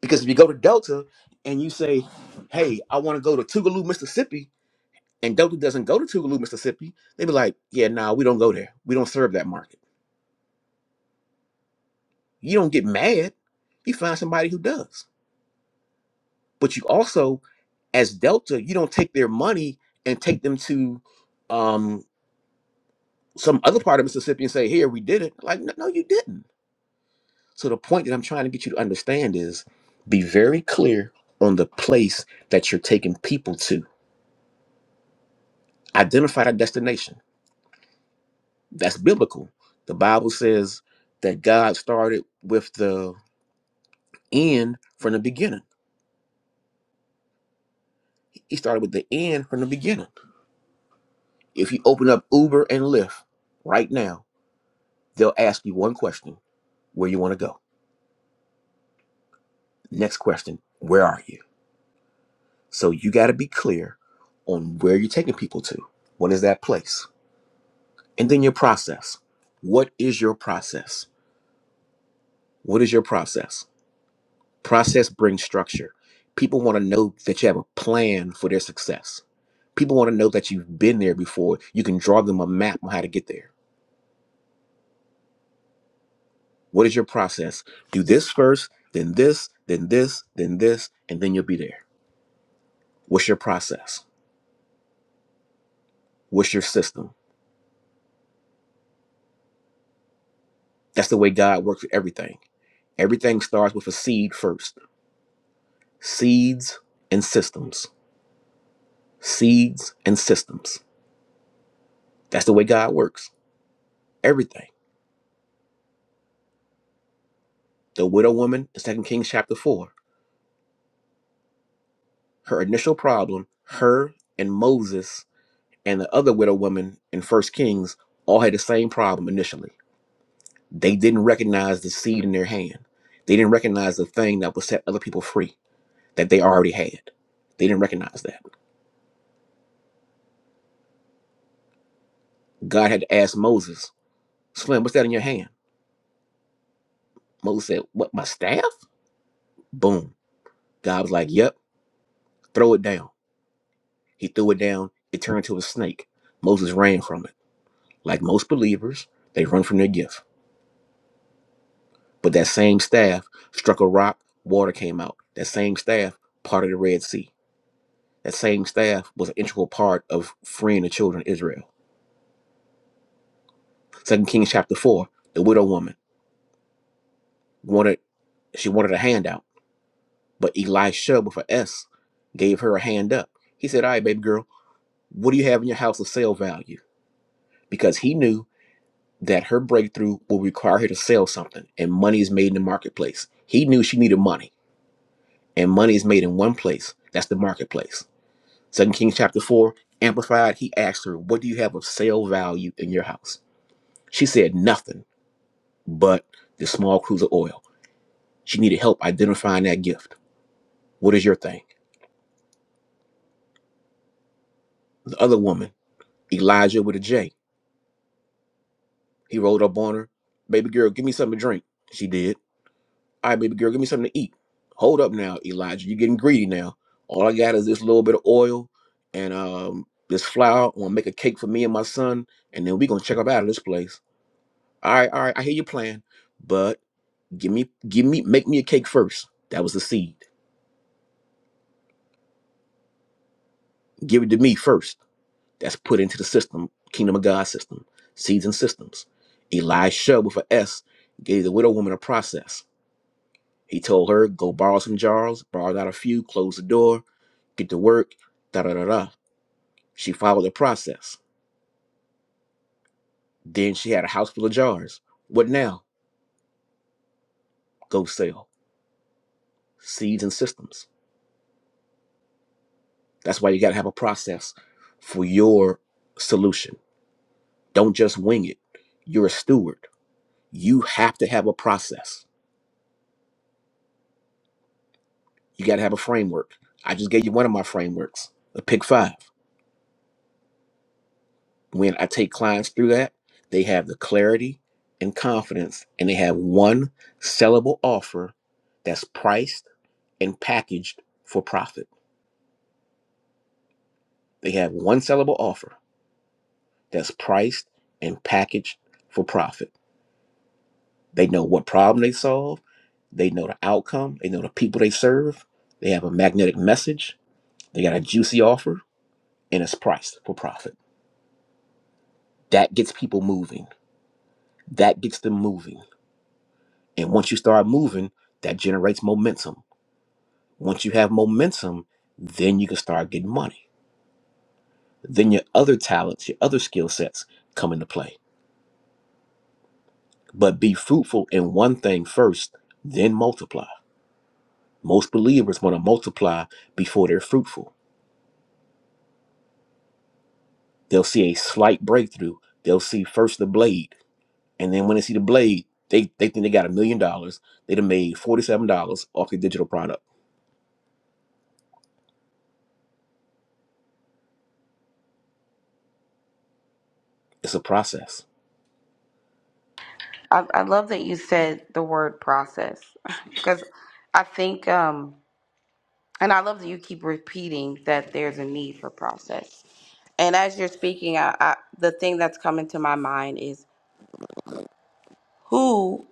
Speaker 1: Because if you go to Delta and you say, "Hey, I want to go to Tougaloo, Mississippi," and Delta doesn't go to Tougaloo, Mississippi, they be like, "Yeah, nah, we don't go there. We don't serve that market." You don't get mad. You find somebody who does. But you also, as Delta, you don't take their money and take them to um, some other part of Mississippi and say, "Here, we did it." Like, no, no, you didn't. So the point that I'm trying to get you to understand is, be very clear on the place that you're taking people to. Identify that destination That's biblical. The Bible says that God started with the end from the beginning. He started with the end from the beginning. If you open up Uber and Lyft right now, they'll ask you one question where you want to go. Next question, where are you? So you got to be clear on where you're taking people to. What is that place? And then your process. What is your process? What is your process? Process brings structure. People want to know that you have a plan for their success People want to know that you've been there before. You can draw them a map on how to get there. What is your process? Do this first, then this, then this, then this, and then you'll be there. What's your process? What's your system? That's the way God works with everything. Everything starts with a seed first. Seeds and systems. Seeds and systems. That's the way God works. Everything. The widow woman in Second Kings chapter 4. Her initial problem, her and Moses and the other widow woman in First Kings all had the same problem initially. They didn't recognize the seed in their hand. They didn't recognize the thing that would set other people free that they already had. They didn't recognize that. God had to ask Moses, Slim, what's that in your hand? Moses said, What, my staff? Boom. God was like, Yep, throw it down. He threw it down. It turned into a snake. Moses ran from it. Like most believers, they run from their gift. But that same staff struck a rock, water came out. That same staff parted the Red Sea That same staff was an integral part of freeing the children of Israel. Second Kings chapter four, the widow woman wanted she wanted a handout, but Elisha with an S gave her a hand up. He said, All right, baby girl, what do you have in your house of sale value? Because he knew that her breakthrough will require her to sell something, and money is made in the marketplace. He knew she needed money, and money is made in one place. That's the marketplace. Second Kings chapter four, amplified, he asked her, What do you have of sale value in your house? She said, Nothing. but the small cruise of oil. She needed help identifying that gift. What is your thing? The other woman, Elijah with a J. He rolled up on her. Baby girl, give me something to drink. She did. All right, baby girl, give me something to eat. Hold up now, Elijah. You're getting greedy now. All I got is this little bit of oil and um this flour. I'm gonna make a cake for me and my son, and then we gonna check up out of this place. All right, all right, I hear your plan, but give me give me make me a cake first. That was the seed. Give it to me first That's put into the system, kingdom of God system, seeds and systems. Elisha with a S gave the widow woman a process. He told her, go borrow some jars, borrow out a few, close the door, get to work, da da da da. She followed the process. Then she had a house full of jars. What now? Go sell. Seeds and systems. That's why you got to have a process for your solution. Don't just wing it. You're a steward. You have to have a process You got to have a framework. I just gave you one of my frameworks, the Pick Five. When I take clients through that, they have the clarity and confidence, and they have one sellable offer that's priced and packaged for profit. They have one sellable offer that's priced and packaged for profit. They know what problem they solve, they know the outcome, they know the people they serve, they have a magnetic message, they got a juicy offer, and it's priced for profit. That gets people moving that gets them moving. And once you start moving, that generates momentum. Once you have momentum, then you can start getting money. Then your other talents, your other skill sets come into play. But be fruitful in one thing first, then multiply. Most believers want to multiply before they're fruitful. They'll see a slight breakthrough. They'll see first the blade. And then when they see the blade, they, they think they got a million dollars. They'd have made $47 off their digital product. It's a process.
Speaker 2: I, I love that you said the word process because I think, um, and I love that you keep repeating that there's a need for process. And as you're speaking, I, I, the thing that's coming to my mind is who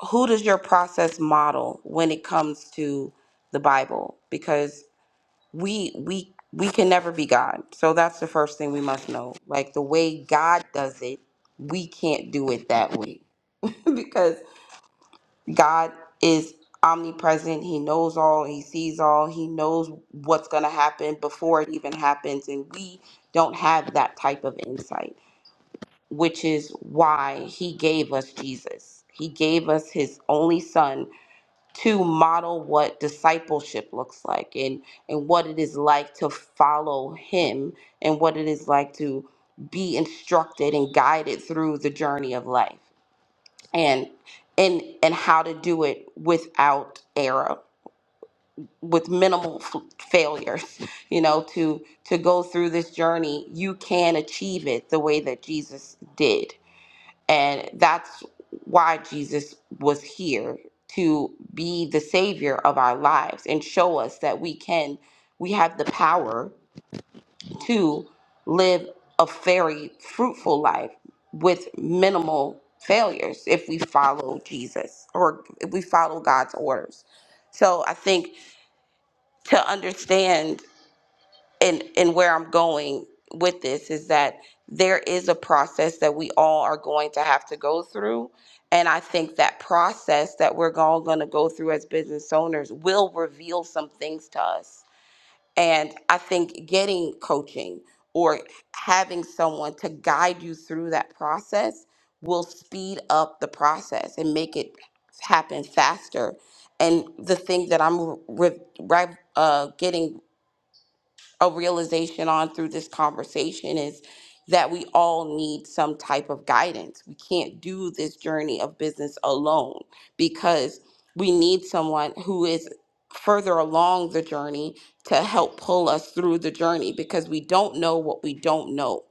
Speaker 2: who does your process model when it comes to the Bible? Because we we we can never be God. So that's the first thing we must know. Like the way God does it, we can't do it that way. because God is omnipresent. He knows all, he sees all, he knows what's going to happen before it even happens and we don't have that type of insight, which is why he gave us Jesus. He gave us his only son to model what discipleship looks like and and what it is like to follow him and what it is like to be instructed and guided through the journey of life and and and how to do it without error with minimal f- failures you know to to go through this journey you can achieve it the way that Jesus did and that's why Jesus was here to be the savior of our lives and show us that we can, we have the power to live a very fruitful life with minimal failures if we follow Jesus or if we follow God's orders. So I think to understand and and where I'm going with this is that there is a process that we all are going to have to go through and I think that process that we're all going to go through as business owners will reveal some things to us and I think getting coaching or having someone to guide you through that process will speed up the process and make it happen faster and the thing that I'm re- re- uh, getting a realization on through this conversation is that we all need some type of guidance. We can't do this journey of business alone because we need someone who is further along the journey to help pull us through the journey because we don't know what we don't know.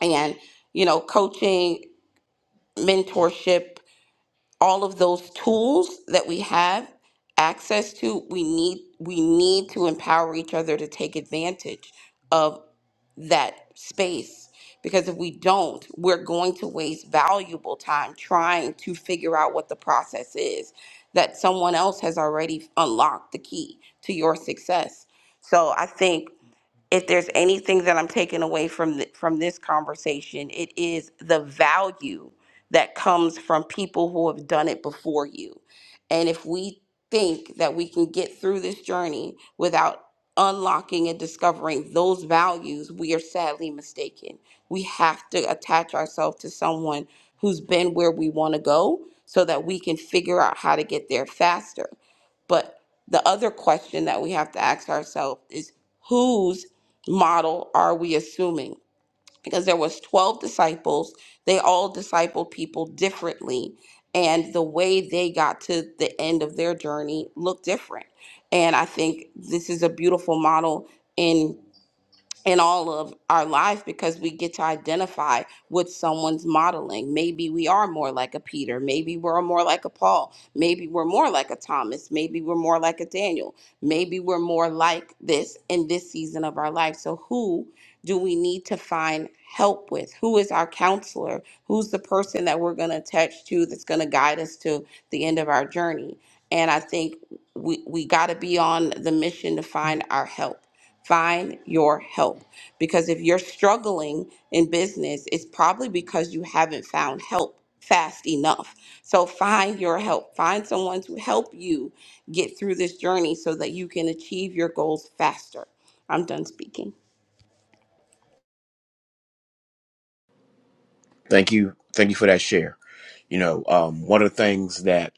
Speaker 2: And, you know, coaching, mentorship, all of those tools that we have access to we need we need to empower each other to take advantage of that space because if we don't we're going to waste valuable time trying to figure out what the process is that someone else has already unlocked the key to your success so i think if there's anything that I'm taking away from th- from this conversation, it is the value that comes from people who have done it before you. And if we think that we can get through this journey without unlocking and discovering those values, we are sadly mistaken. We have to attach ourselves to someone who's been where we want to go so that we can figure out how to get there faster. But the other question that we have to ask ourselves is whose model are we assuming because there was 12 disciples they all discipled people differently and the way they got to the end of their journey looked different and i think this is a beautiful model in in all of our life because we get to identify with someone's modeling. Maybe we are more like a Peter. Maybe we're more like a Paul. Maybe we're more like a Thomas. Maybe we're more like a Daniel. Maybe we're more like this in this season of our life. So, who do we need to find help with? Who is our counselor? Who's the person that we're going to attach to that's going to guide us to the end of our journey? And I think we, we got to be on the mission to find our help. Find your help. Because if you're struggling in business, it's probably because you haven't found help fast enough. So find your help. Find someone to help you get through this journey so that you can achieve your goals faster. I'm done speaking.
Speaker 1: Thank you. Thank you for that share. You know, um, one of the things that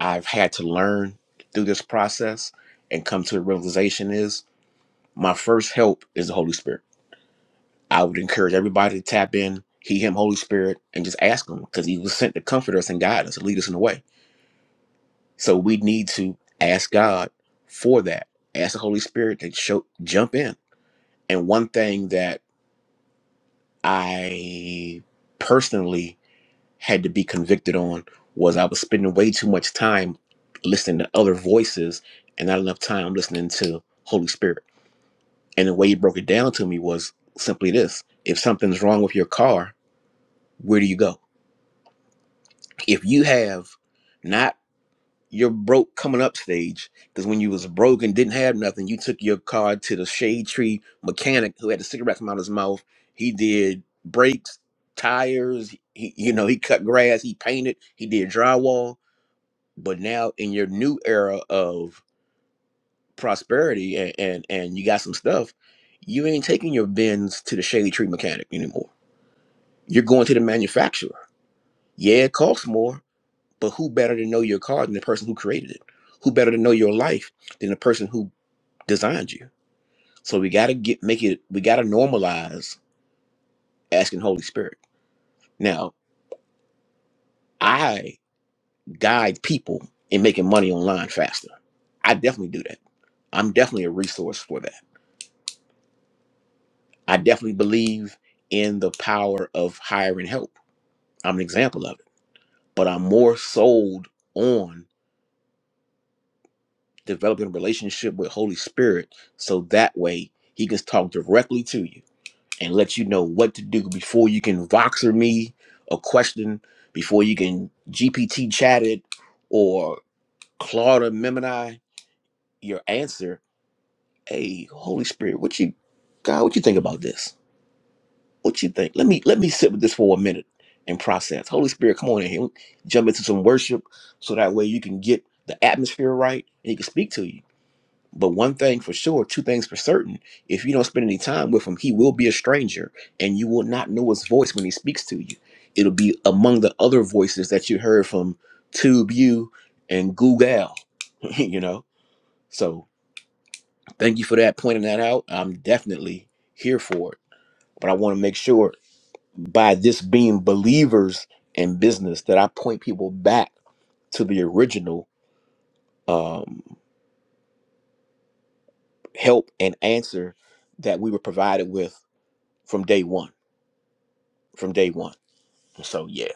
Speaker 1: I've had to learn through this process and come to the realization is my first help is the Holy Spirit. I would encourage everybody to tap in, He, Him, Holy Spirit, and just ask Him because He was sent to comfort us and guide us and lead us in the way. So we need to ask God for that. Ask the Holy Spirit to show, jump in. And one thing that I personally had to be convicted on was I was spending way too much time listening to other voices and not enough time listening to Holy Spirit. And the way he broke it down to me was simply this if something's wrong with your car, where do you go? If you have not your broke coming up stage, because when you was broke and didn't have nothing, you took your car to the shade tree mechanic who had the cigarette come out of his mouth. He did brakes, tires, he, you know, he cut grass, he painted, he did drywall but now in your new era of prosperity and and, and you got some stuff you ain't taking your bins to the shady tree mechanic anymore you're going to the manufacturer yeah it costs more but who better to know your car than the person who created it who better to know your life than the person who designed you so we got to get make it we got to normalize asking holy spirit now i guide people in making money online faster i definitely do that i'm definitely a resource for that I definitely believe in the power of hiring help. I'm an example of it. But I'm more sold on developing a relationship with Holy Spirit so that way he can talk directly to you and let you know what to do before you can voxer me a question, before you can GPT chat it or Claude Memini your answer. Hey, Holy Spirit, what you God, what you think about this? What you think? Let me let me sit with this for a minute and process. Holy Spirit, come on in here. Jump into some worship so that way you can get the atmosphere right and he can speak to you. But one thing for sure, two things for certain, if you don't spend any time with him, he will be a stranger and you will not know his voice when he speaks to you. It'll be among the other voices that you heard from TubeU and Google, you know? So thank you for that, pointing that out. I'm definitely here for it. But I want to make sure by just being believers in business that I point people back to the original um, help and answer that we were provided with from day one. From day one. So yeah.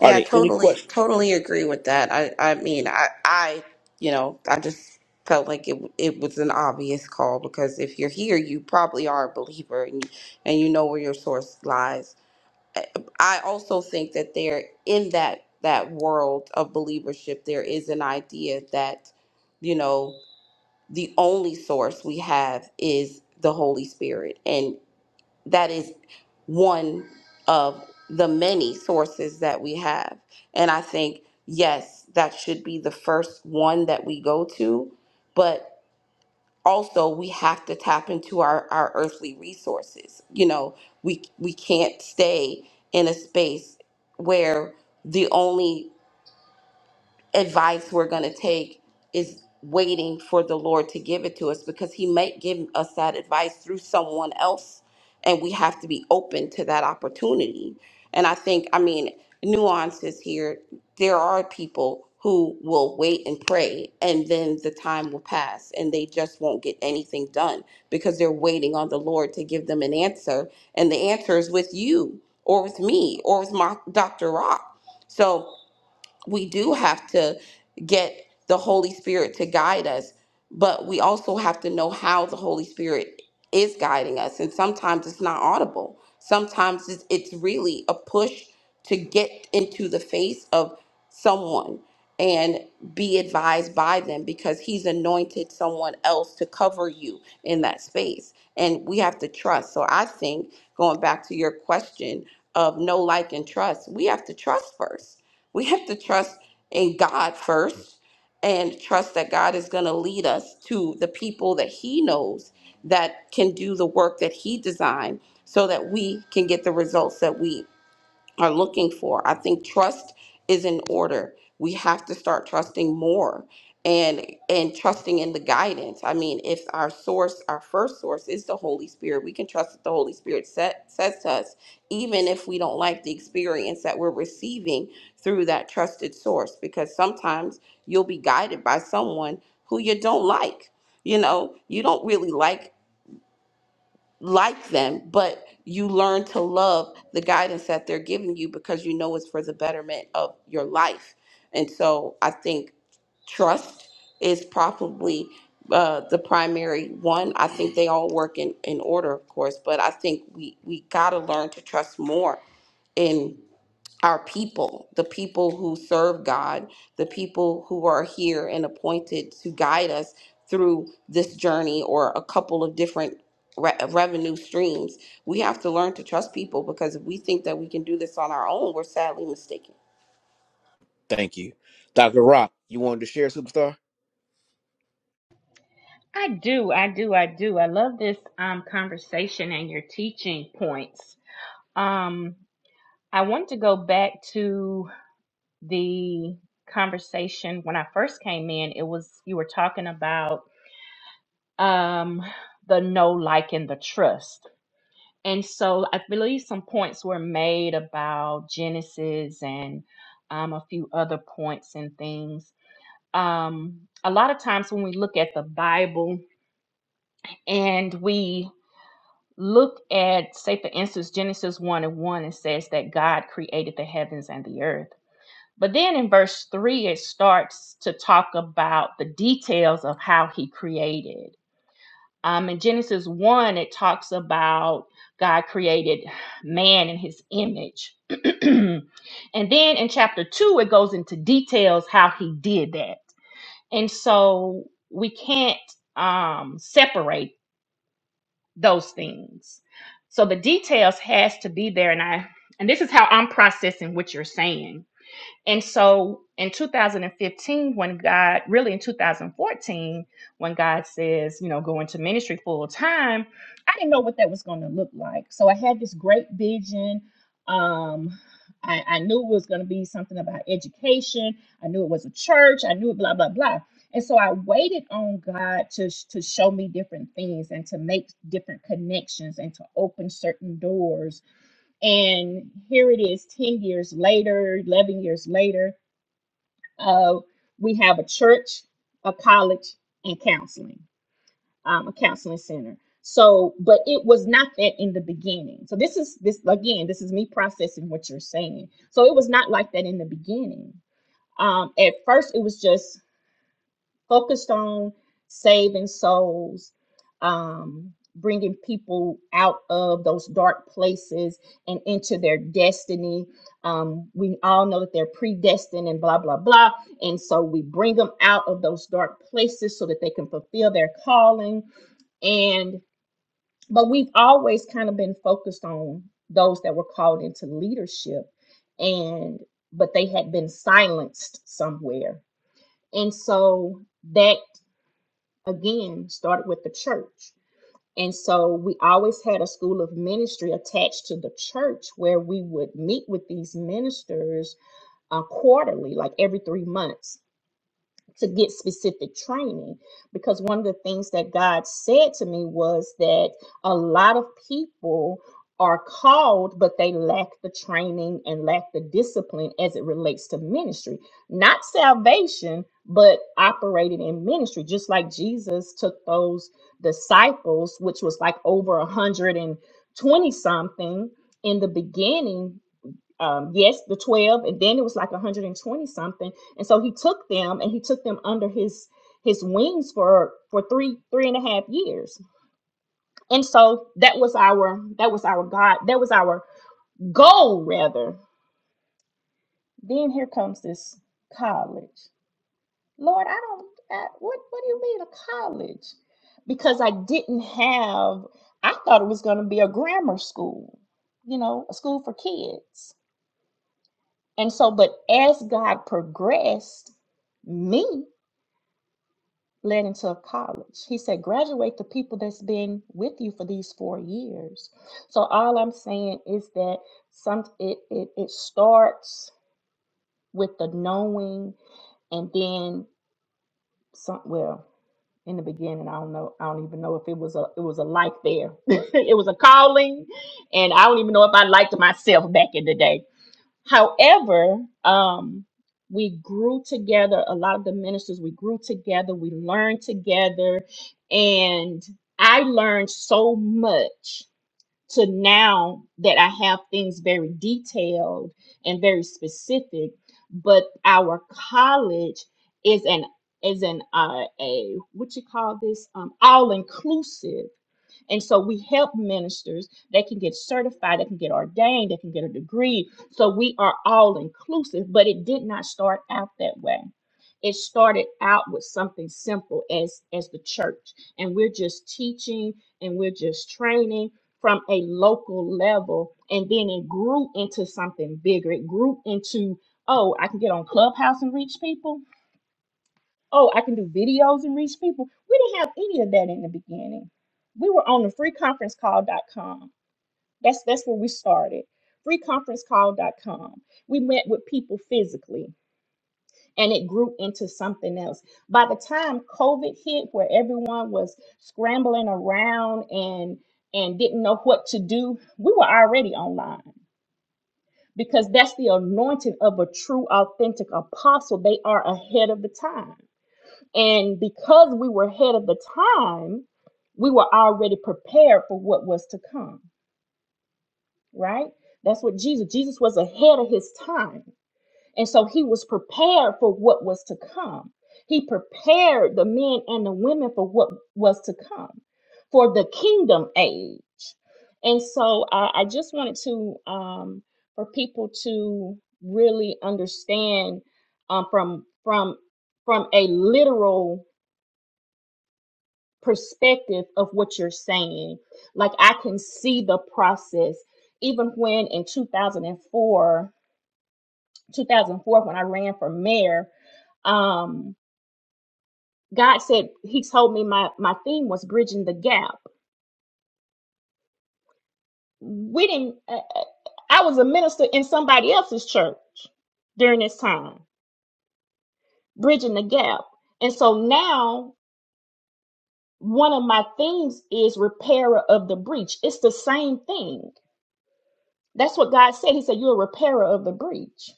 Speaker 1: Are there any
Speaker 2: totally,
Speaker 1: questions?
Speaker 2: totally agree with that. I, I mean, I, I, you know, I just felt like it, it was an obvious call because if you're here, you probably are a believer and you, and you know where your source lies. I I also think that there, in that that world of believership, there is an idea that, you know, the only source we have is the Holy Spirit, that is one of the many sources that we have. And I think, yes, that should be the first one that we go to, but also we have to tap into our, our earthly resources. You know, we we can't stay in a space where the only advice we're going to take is waiting for the Lord to give it to us because He may give us that advice through someone else. And we have to be open to that opportunity. And I think, I mean, nuances here. There are people who will wait and pray, and then the time will pass, and they just won't get anything done because they're waiting on the Lord to give them an answer. And the answer is with you, or with me, or with my, Dr. Rock. So, we do have to get the Holy Spirit to guide us, but we also have to know how the Holy Spirit is guiding us. And sometimes it's not audible, sometimes it's, it's really a push to get into the face of someone and be advised by them because he's anointed someone else to cover you in that space. And we have to trust. So I think going back to your question of no like and trust, we have to trust first we have to trust in God first and trust that God is going to lead us to the people that He knows that can do the work that He designed so that we can get the results that we are looking for. I think trust is in order. We have to start trusting more and and trusting in the guidance. I mean, if our source, our first source is the Holy Spirit, we can trust that the Holy Spirit set, says to us, even if we don't like the experience that we're receiving through that trusted source, because sometimes you'll be guided by someone who you don't like. You know, you don't really like like them, but you learn to love the guidance that they're giving you because you know it's for the betterment of your life. And so I think trust is probably uh, the primary one. I think they all work in, in order, of course, but I think we, we got to learn to trust more in our people, the people who serve God, the people who are here and appointed to guide us through this journey or a couple of different re- revenue streams. We have to learn to trust people because if we think that we can do this on our own, we're sadly mistaken.
Speaker 1: Thank you, Doctor Rock. You wanted to share, superstar?
Speaker 3: I do, I do, I do. I love this um conversation and your teaching points. Um, I want to go back to the conversation when I first came in. It was you were talking about um the no like and the trust. And so I believe some points were made about Genesis and um, a few other points and things um, a lot of times when we look at the Bible and we look at, say, for instance, Genesis 1 and 1, it says that God created the heavens and the earth. But then in verse 3, it starts to talk about the details of how he created. Um, in Genesis 1, it talks about God created man in his image. and then in chapter 2, it goes into details how he did that And so we can't um, separate those things. So the details has to be there. And I and this is how I'm processing what you're saying and so in 2015, when God, really in 2014, when God says, you know, go into ministry full time, I didn't know what that was going to look like. So I had this great vision. Um, I, I knew it was going to be something about education. I knew it was a church. I knew it, blah, blah, blah. And so I waited on God to, sh- to show me different things and to make different connections and to open certain doors and here it is 10 years later, 11 years later, uh, we have a church, a college, and counseling, um, a counseling center. So, but it was not that in the beginning. So, this is this again, this is me processing what you're saying. So, it was not like that in the beginning. Um, at first, it was just focused on saving souls, um, bringing people out of those dark places and into their destiny. Um, we all know that they're predestined and blah, blah, blah. And so we bring them out of those dark places so that they can fulfill their calling and but we've always kind of been focused on those that were called into leadership and but they had been silenced somewhere and so that again started with the church. And so we always had a school of ministry attached to the church where we would meet with these ministers uh, quarterly, like every three months to get specific training because one of the things that God said to me was that a lot of people are called but they lack the training and lack the discipline as it relates to ministry not salvation but operating in ministry just like Jesus took those disciples which was like over 120 something in the beginning um, yes, the 12, and then it was like 120 something. And so he took them and he took them under his his wings for for three three and a half years. And so that was our that was our God, that was our goal rather. Then here comes this college. Lord, I don't I, what what do you mean a college? Because I didn't have I thought it was going to be a grammar school, you know, a school for kids And so, but as God progressed me led into a college, he said, graduate the people that's been with you for these four years. So all I'm saying is that some it it, it starts with the knowing and then some well in the beginning i don't know i don't even know if it was a it was a like there it was a calling and i don't even know if i liked myself back in the day However, um, we grew together. A lot of the ministers, we grew together. We learned together, and I learned so much to now that I have things very detailed and very specific. But our college is an is an uh, a what you call this um, all inclusive and so we help ministers. They can get certified, they can get ordained, they can get a degree. So we are all inclusive, but it did not start out that way. It started out with something simple as as the church. And we're just teaching and we're just training from a local level. And then it grew into something bigger. It grew into, oh, I can get on Clubhouse and reach people oh, I can do videos and reach people. We didn't have any of that in the beginning. We were on the freeconferencecall.com. That's that's where we started. Freeconferencecall.com. We met with people physically and it grew into something else. By the time COVID hit where everyone was scrambling around and and didn't know what to do, we were already online because that's the anointing of a true authentic apostle. They are ahead of the time and because we were ahead of the time, we were already prepared for what was to come, right? That's what Jesus, Jesus was ahead of his time. And so he was prepared for what was to come. He prepared the men and the women for what was to come, for the kingdom age. And so I, I just wanted to, um, for people to really understand um, from from from a literal perspective of what you're saying. Like I can see the process. Even when in 2004, 2004, when I ran for mayor, um, God said He told me my my theme was bridging the gap. We didn't. Uh, uh, I was a minister in somebody else's church during this time, bridging the gap. And so now one of my themes is repairer of the breach. It's the same thing That's what God said. He said, You're a repairer of the breach.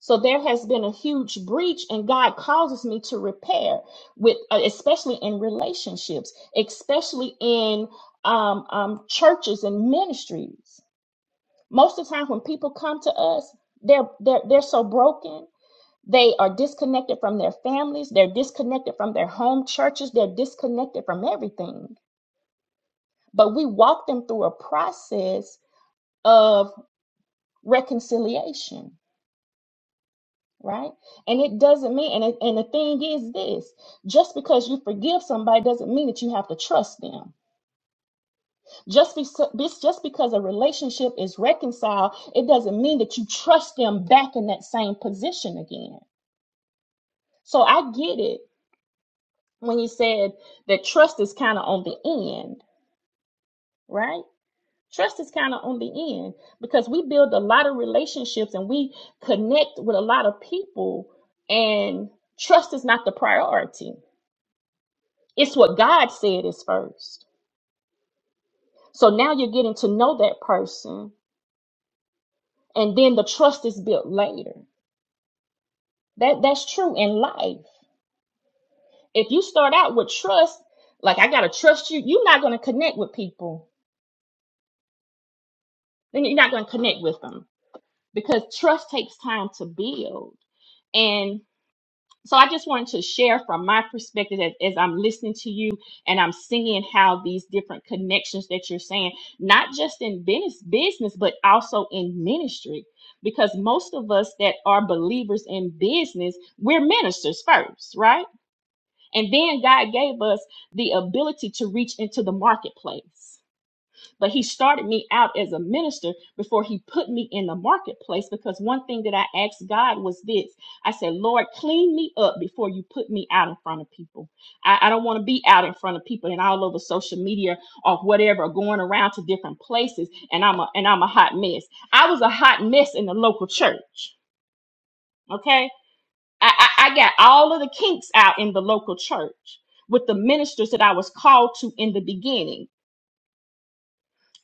Speaker 3: So there has been a huge breach, and God causes me to repair with, uh, especially in relationships, especially in um, um, churches and ministries. Most of the time, when people come to us, they're they're they're so broken. They are disconnected from their families. They're disconnected from their home churches. They're disconnected from everything. But we walk them through a process of reconciliation right? And it doesn't mean, and, it, and the thing is this just because you forgive somebody doesn't mean that you have to trust them. Just, be, just because a relationship is reconciled, it doesn't mean that you trust them back in that same position again. So I get it when you said that trust is kind of on the end, right? Trust is kind of on the end because we build a lot of relationships and we connect with a lot of people, and trust is not the priority It's what God said is first. So now you're getting to know that person, and then the trust is built later. That that's true in life. If you start out with trust, like I gotta trust you, you're not gonna connect with people. Then you're not gonna connect with them because trust takes time to build. And. So I just wanted to share from my perspective as, as I'm listening to you and I'm seeing how these different connections that you're saying, not just in business, business, but also in ministry. Because most of us that are believers in business, we're ministers first, right? And then God gave us the ability to reach into the marketplace. But he started me out as a minister before he put me in the marketplace because one thing that I asked God was this I said, Lord, clean me up before you put me out in front of people. I, I don't want to be out in front of people and all over social media or whatever, going around to different places and I'm a and I'm a hot mess. I was a hot mess in the local church. Okay. I, I, I got all of the kinks out in the local church with the ministers that I was called to in the beginning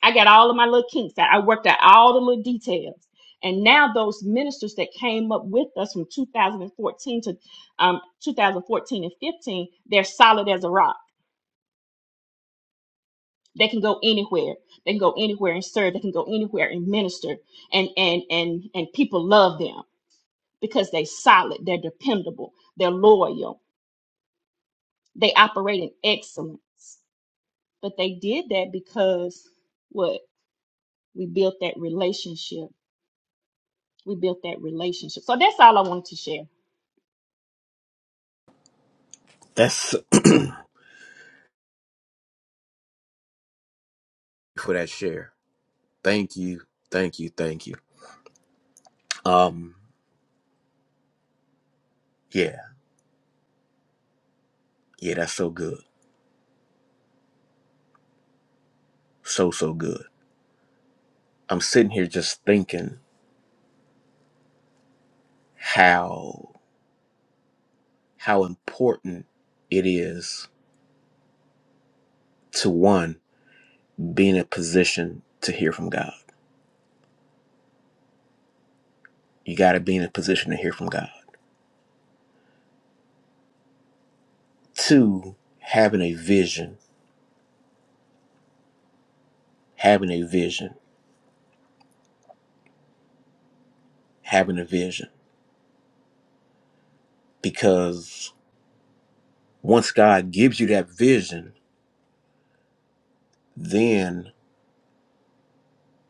Speaker 3: I got all of my little kinks out. I worked out all the little details. And now those ministers that came up with us from 2014 to um, 2014 and 15, they're solid as a rock. They can go anywhere. They can go anywhere and serve. They can go anywhere and minister. And and and and people love them because they are solid. They're dependable. They're loyal. They operate in excellence. But they did that because what we built that relationship we built that relationship. So that's all I wanted to share.
Speaker 1: That's for that share. Thank you, thank you, thank you. Um, yeah, yeah, that's so good, so so good. I'm sitting here just thinking how how important it is to one, be in a position to hear from God. You got to be in a position to hear from God. Two, having a vision, having a vision, having a vision. Because once God gives you that vision, then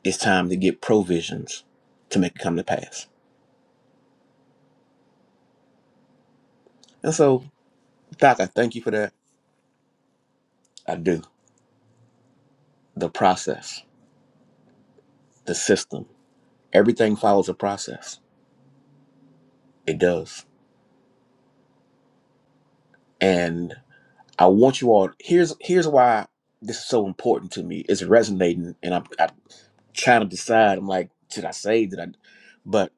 Speaker 1: it's time to get provisions to make it come to pass. And so, Doc, I thank you for that. I do. The process, the system, everything follows a process. It does. and. I want you all. Here's here's why this is so important to me. It's resonating, and I'm, I'm trying to decide. I'm like, did I say? Did I? But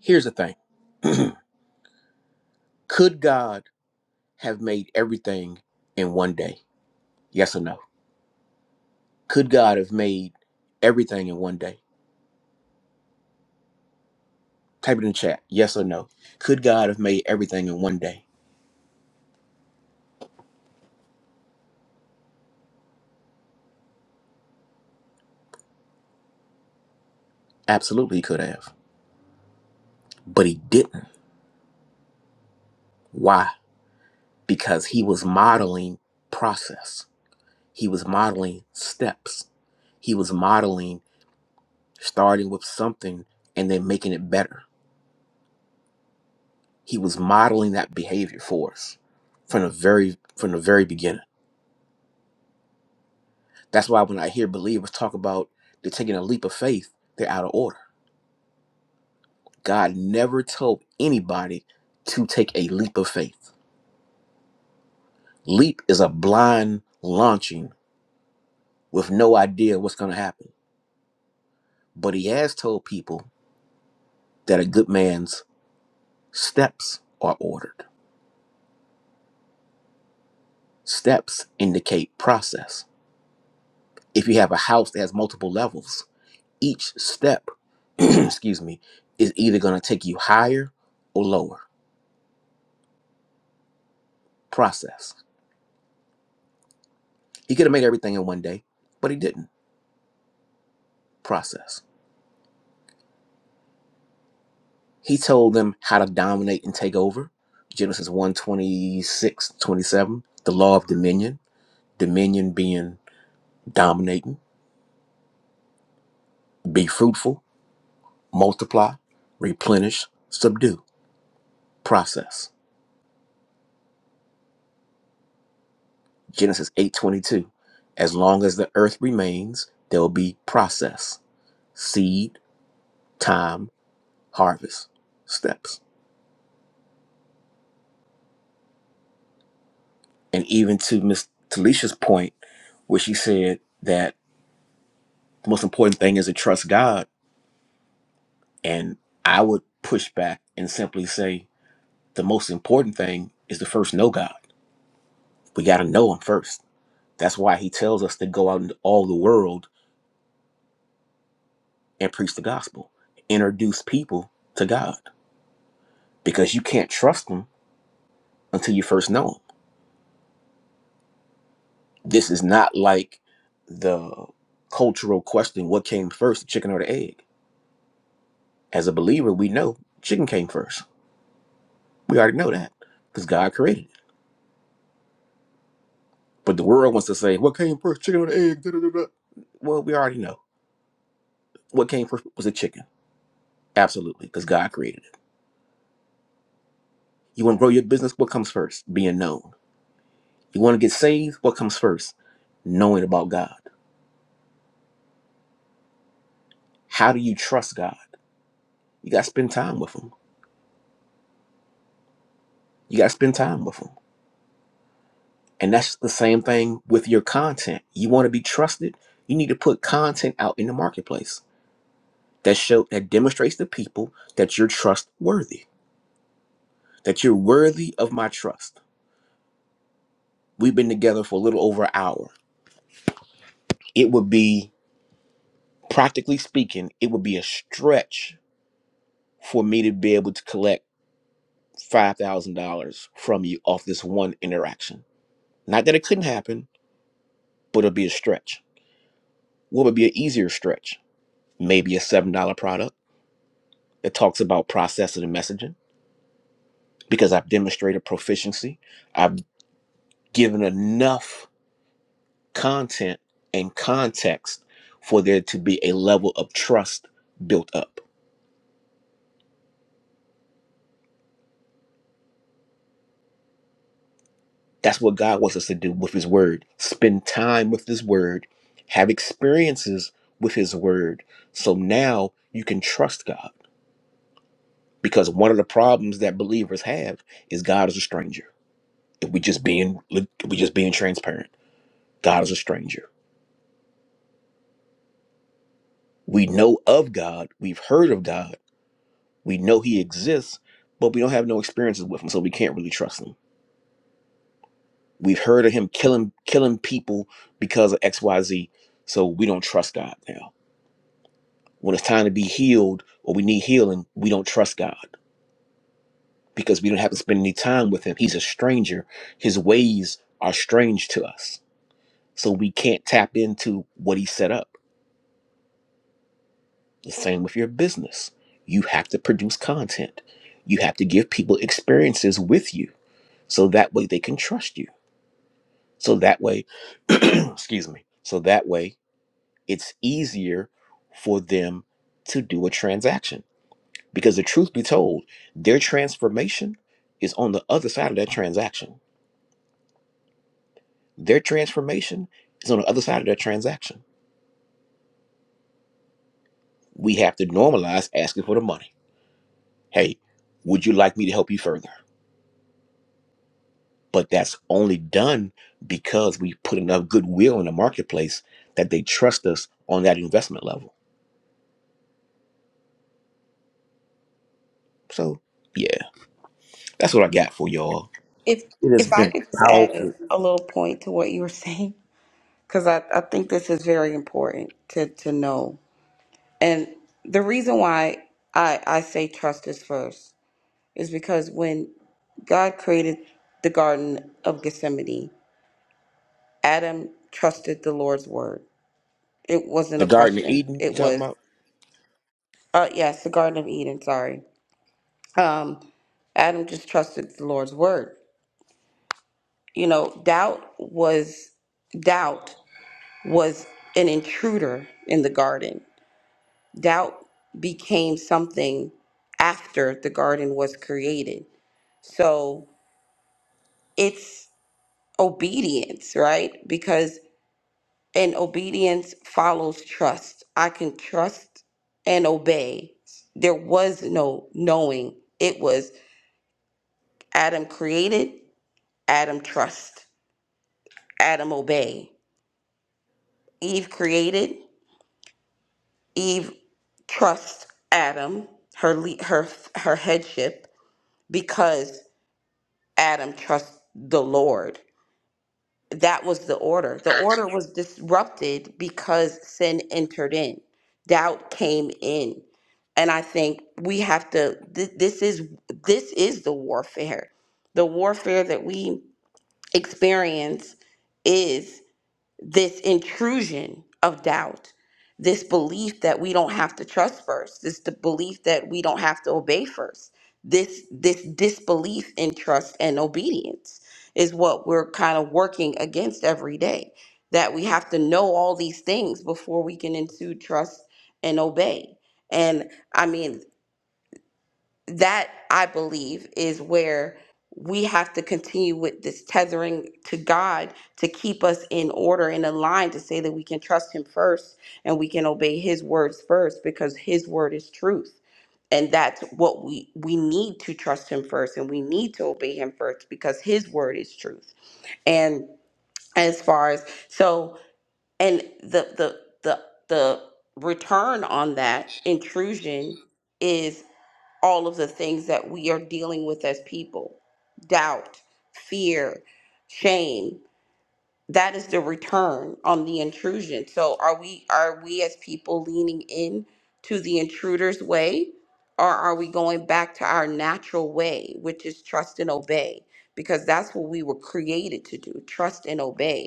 Speaker 1: here's the thing: Could God have made everything in one day? Yes or no? Could God have made everything in one day? Type it in the chat. Yes or no? Could God have made everything in one day? Absolutely, he could have, but he didn't. Why? Because he was modeling process He was modeling steps. He was modeling starting with something and then making it better. He was modeling that behavior for us from the very from the very beginning. That's why when I hear believers talk about they're taking a leap of faith, they're out of order. God never told anybody to take a leap of faith. Leap is a blind launching with no idea what's going to happen. But he has told people that a good man's steps are ordered. Steps indicate process. If you have a house that has multiple levels, each step, excuse me, is either going to take you higher or lower. Process. He could have made everything in one day, but he didn't. Process. He told them how to dominate and take over. Genesis one twenty six twenty seven. the law of dominion, dominion being dominating, be fruitful, multiply, replenish, subdue. Process Genesis 8:22. As long as the earth remains, there will be process, seed, time, harvest, steps. And even to Miss Talisha's point, where she said that the most important thing is to trust God, and I would push back and simply say the most important thing is to first know God. We got to know Him first. That's why He tells us to go out into all the world and preach the gospel, introduce people to God, because you can't trust Him until you first know 'em. This is not like the cultural question what came first, the chicken or the egg? As a believer, we know chicken came first. We already know that because God created it. But the world wants to say, what came first, chicken or the egg? Da, da, da, da. Well, we already know. What came first was the chicken. Absolutely, because God created it. You want to grow your business? What comes first? Being known. You want to get saved? What comes first? Knowing about God. How do you trust God? You got to spend time with Him. You got to spend time with Him And that's the same thing with your content. You want to be trusted, you need to put content out in the marketplace that show that demonstrates to people that you're trustworthy, that you're worthy of my trust. We've been together for a little over an hour. It would be practically speaking, it would be a stretch for me to be able to collect $5,000 from you off this one interaction. Not that it couldn't happen, but it'll be a stretch. What would be an easier stretch? Maybe a $7 product It talks about processing and messaging because I've demonstrated proficiency. I've given enough content and context for there to be a level of trust built up. That's what God wants us to do with His Word. Spend time with His Word, have experiences with His Word. So now you can trust God because one of the problems that believers have is God is a stranger. If we just being if we just being transparent, God is a stranger. We know of God, we've heard of God, we know He exists, but we don't have no experiences with Him, so we can't really trust Him. We've heard of Him killing killing people because of X, Y, Z, so we don't trust God now. When it's time to be healed or we need healing, we don't trust God because we don't have to spend any time with Him. He's a stranger. His ways are strange to us, so we can't tap into what He set up. The same with your business. You have to produce content. You have to give people experiences with you so that way they can trust you so that way excuse me so that way it's easier for them to do a transaction because the truth be told their transformation is on the other side of that transaction their transformation is on the other side of that transaction we have to normalize asking for the money hey would you like me to help you further but that's only done because we put enough goodwill in the marketplace that they trust us on that investment level so yeah That's what I got for y'all.
Speaker 2: If
Speaker 1: It has
Speaker 2: if I
Speaker 1: been
Speaker 2: could just add
Speaker 1: powerful.
Speaker 2: a little point to what you were saying, because I, I think this is very important to, to know. And the reason why I, I say trust is first is because when God created the Garden of Gethsemane, Adam trusted the Lord's word. It wasn't
Speaker 1: The
Speaker 2: a
Speaker 1: Garden of
Speaker 2: question.
Speaker 1: Eden, you
Speaker 2: It
Speaker 1: talking
Speaker 2: was,
Speaker 1: about?
Speaker 2: uh, yes, the Garden of Eden, sorry. Um, Adam just trusted the Lord's word. You know, doubt was doubt was an intruder in the garden. Doubt became something after the garden was created. So it's obedience, right? Because And obedience follows trust. I can trust and obey. There was no knowing. It was Adam created, Adam trust, Adam obey. Eve created, Eve trust Adam, her le- her her headship because Adam trusts the Lord. that was the order. The order was disrupted because sin entered in, doubt came in. And I think we have to th- this is this is the warfare. The warfare that we experience this intrusion of doubt, this belief that we don't have to trust first, this the belief that we don't have to obey first, this this disbelief in trust and obedience is what we're kind of working against every day. That we have to know all these things before we can ensue trust and obey. And I mean, that I believe is where we have to continue with this tethering to God to keep us in order and aligned to say that we can trust Him first and we can obey His words first because His word is truth. And that's what we we need to trust him first and we need to obey him first because his word is truth. And as far as so and the the the the return on that intrusion is all of the things that we are dealing with as people doubt, fear, shame. That is the return on the intrusion. So are we are we as people leaning in to the intruder's way or are we going back to our natural way, which is trust and obey? Because that's what we were created to do, trust and obey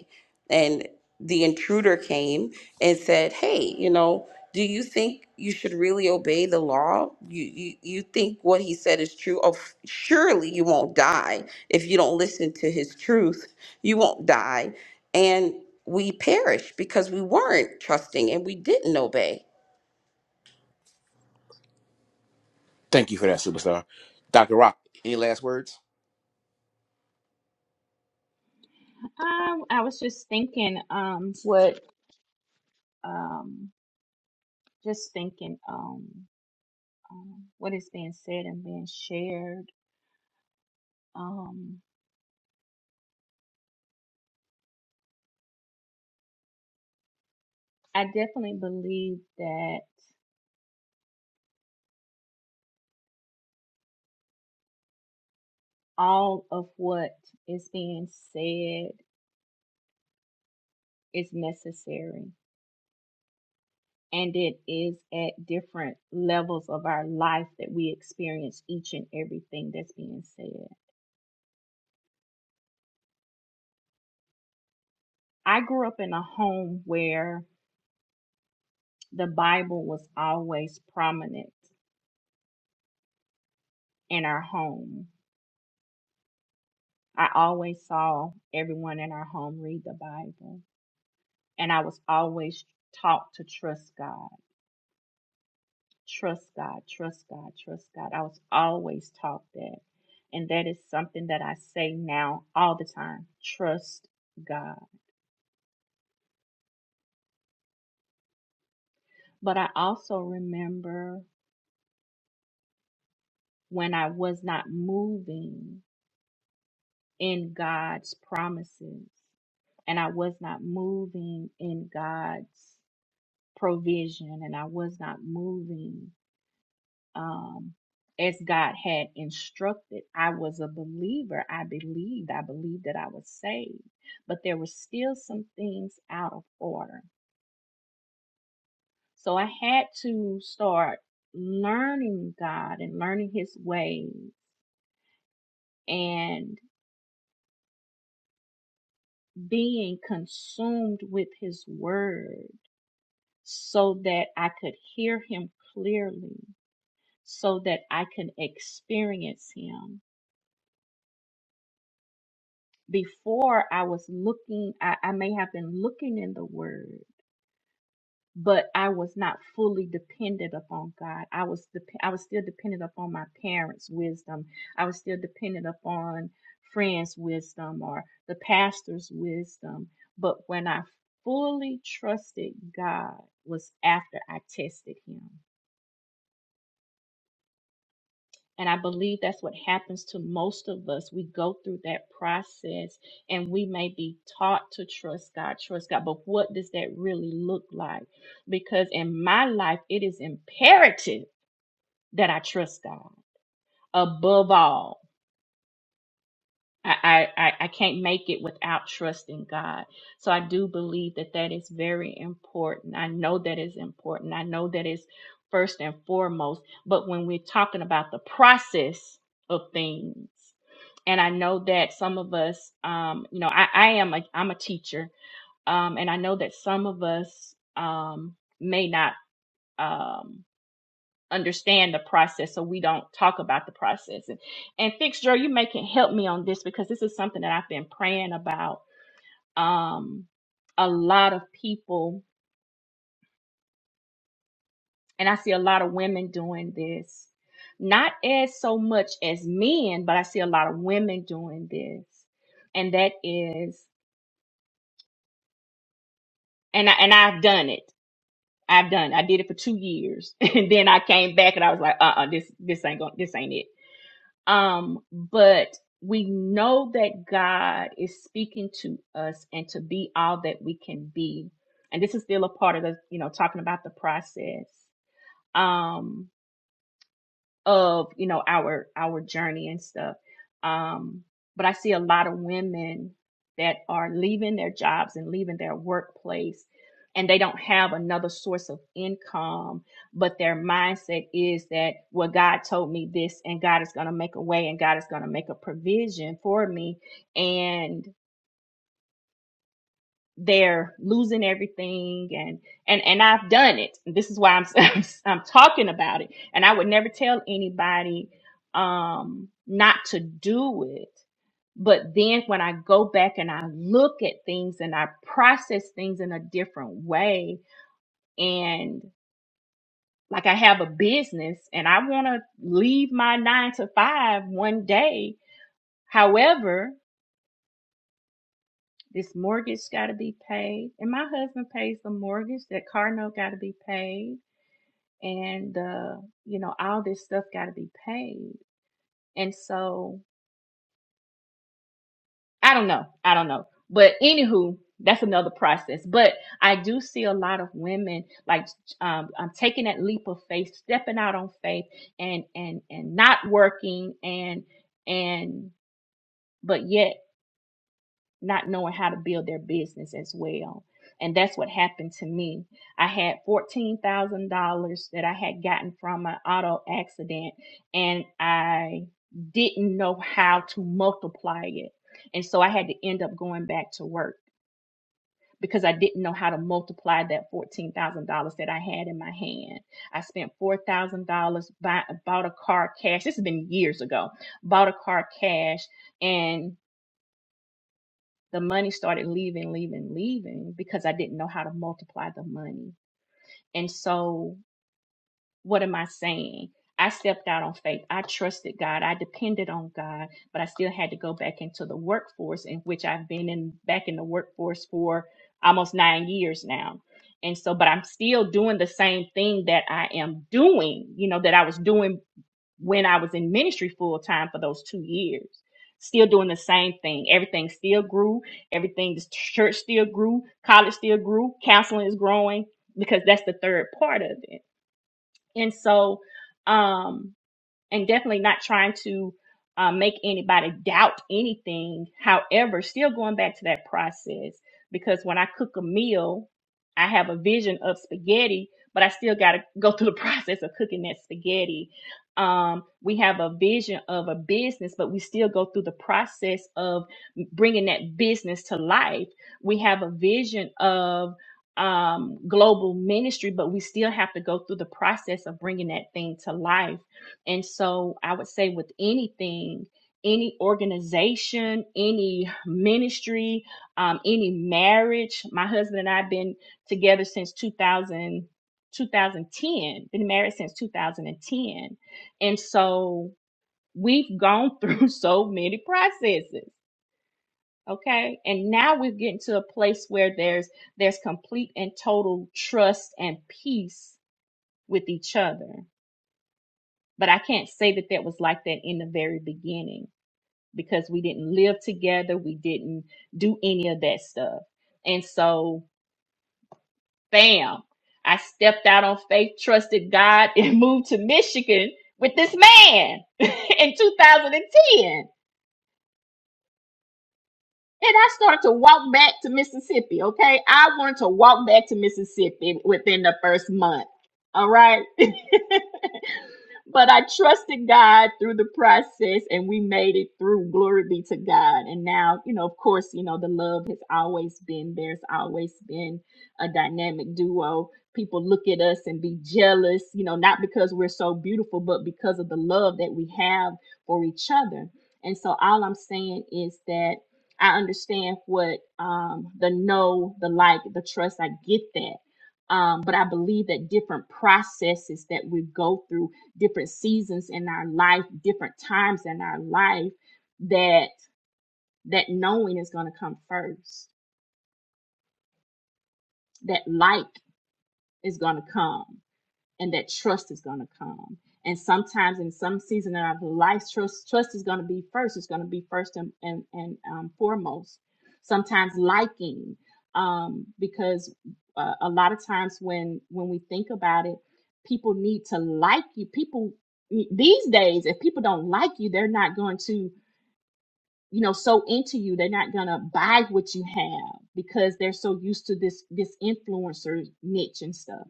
Speaker 2: and the intruder came and said, "Hey, you know, do you think you should really obey the law? You you, you think what he said is true? Of surely you won't die if you don't listen to his truth. You won't die." And we perish because we weren't trusting and we didn't obey.
Speaker 1: Thank you for that, superstar. Dr. Rock, any last words?
Speaker 3: I, I was just thinking, um, what, um, just thinking, um, um, what is being said and being shared. Um, I definitely believe that all of what is being said is necessary. And it is at different levels of our life that we experience each and everything that's being said. I grew up in a home where the Bible was always prominent in our home. I always saw everyone in our home read the Bible, and I was always taught to trust God, trust God, trust God, trust God. I was always taught that. And that is something that I say now all the time trust God. But I also remember when I was not moving in God's promises. And I was not moving in God's provision and I was not moving um, as God had instructed. I was a believer. I believed. I believed that I was saved. But there were still some things out of order. So I had to start learning God and learning His ways and being consumed with His word so that I could hear him clearly, so that I can experience him. Before I was looking, I, I may have been looking in the word, but I was not fully dependent upon God. I was dep I was still dependent upon my parents' wisdom. I was still dependent upon friends' wisdom or the pastor's wisdom. But when I fully trusted God was after I tested him And I believe that's what happens to most of us. We go through that process and we may be taught to trust God, trust God. But what does that really look like? Because in my life, it is imperative that I trust God above all. I, I, I I can't make it without trusting God. So I do believe that that is very important. I know that is important. I know that is first and foremost. But when we're talking about the process of things, and I know that some of us, um, you know, I, I am a, I'm a teacher, um, and I know that some of us um, may not. Um, understand the process so we don't talk about the process and, and fix Joe, you may can help me on this because this is something that I've been praying about um a lot of people and I see a lot of women doing this not as so much as men but I see a lot of women doing this and that is and I, and I've done it I've done I did it for 2 years and then I came back and I was like uh uh this this ain't going this ain't it Um, but we know that God is speaking to us and to be all that we can be. And this is still a part of the, you know, talking about the process. Um, of you know our our journey and stuff um but i see a lot of women that are leaving their jobs and leaving their workplace and they don't have another source of income but their mindset is that well god told me this and god is going to make a way and god is going to make a provision for me and they're losing everything and and and I've done it. This is why I'm I'm, talking about it. And I would never tell anybody um not to do it. But then when I go back and I look at things and I process things in a different way and like I have a business and I want to leave my 9 to 5 one day. However, This mortgage got to be paid, and my husband pays the mortgage. That car note got to be paid, and uh, you know all this stuff got to be paid. And so I don't know, I don't know, but anywho, that's another process. But I do see a lot of women like um, I'm taking that leap of faith, stepping out on faith, and and and not working, and and but yet not knowing how to build their business as well. And that's what happened to me. I had $14,000 that I had gotten from an auto accident and I didn't know how to multiply it. And so I had to end up going back to work because I didn't know how to multiply that $14,000 that I had in my hand. I spent $4,000 buy, bought a car cash. This has been years ago. Bought a car cash and the money started leaving, leaving, leaving because I didn't know how to multiply the money. And so, what am I saying? I stepped out on faith. I trusted God. I depended on God, but I still had to go back into the workforce in which I've been in back in the workforce for almost 9 years now. And so but I'm still doing the same thing that I am doing, you know, that I was doing when I was in ministry full time for those two years. Still doing the same thing. Everything still grew. Everything, the church still grew. College still grew. Counseling is growing because that's the third part of it. And so, um, and definitely not trying to uh, make anybody doubt anything. However, still going back to that process because when I cook a meal, I have a vision of spaghetti, but I still got to go through the process of cooking that spaghetti. Um, we have a vision of a business, but we still go through the process of bringing that business to life. We have a vision of um, global ministry, but we still have to go through the process of bringing that thing to life and so I would say with anything, any organization, any ministry, um, any marriage, my husband and I have been together since 2000, been married since 2010. And so we've gone through so many processes. Okay. And now we're getting to a place where there's there's complete and total trust and peace with each other but I can't say that that was like that in the very beginning because we didn't live together. We didn't do any of that stuff. And so, bam, I stepped out on faith, trusted God, and moved to Michigan with this man in 2010. And I started to walk back to Mississippi. Okay. I wanted to walk back to Mississippi within the first month. All right. but I trusted God through the process and we made it through. Glory be to God. And now, you know, of course, you know, the love has always been there. It's always been a dynamic duo. People look at us and be jealous, you know, not because we're so beautiful, but because of the love that we have for each other. And so all I'm saying is that I understand what um, the know, the like, the trust. I get that. Um, but I believe that different processes that we go through, different seasons in our life, different times in our life, that that knowing is going to come first. That like is going to come. and that trust is going to come. And sometimes in some season of our life, trust, trust is going to be first. It's going to be first and, and, and um, foremost. Sometimes liking, um, because uh, a lot of times when when we think about it, people need to like you. People these days, if people don't like you, they're not going to you know so into you. They're not going to buy what you have because they're so used to this this influencer niche and stuff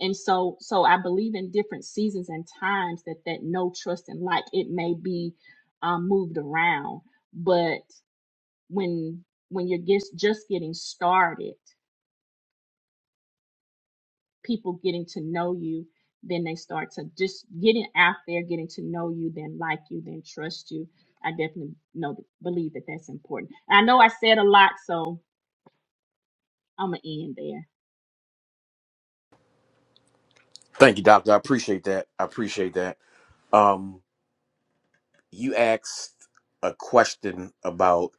Speaker 3: and so so i believe in different seasons and times that that no trust and like it may be um, moved around but when when you're just just getting started people getting to know you then they start to just getting out there getting to know you then like you then trust you i definitely know believe that that's important i know i said a lot so i'm gonna end
Speaker 1: Thank you, Doctor. I appreciate that. I appreciate that. Um, you asked a question about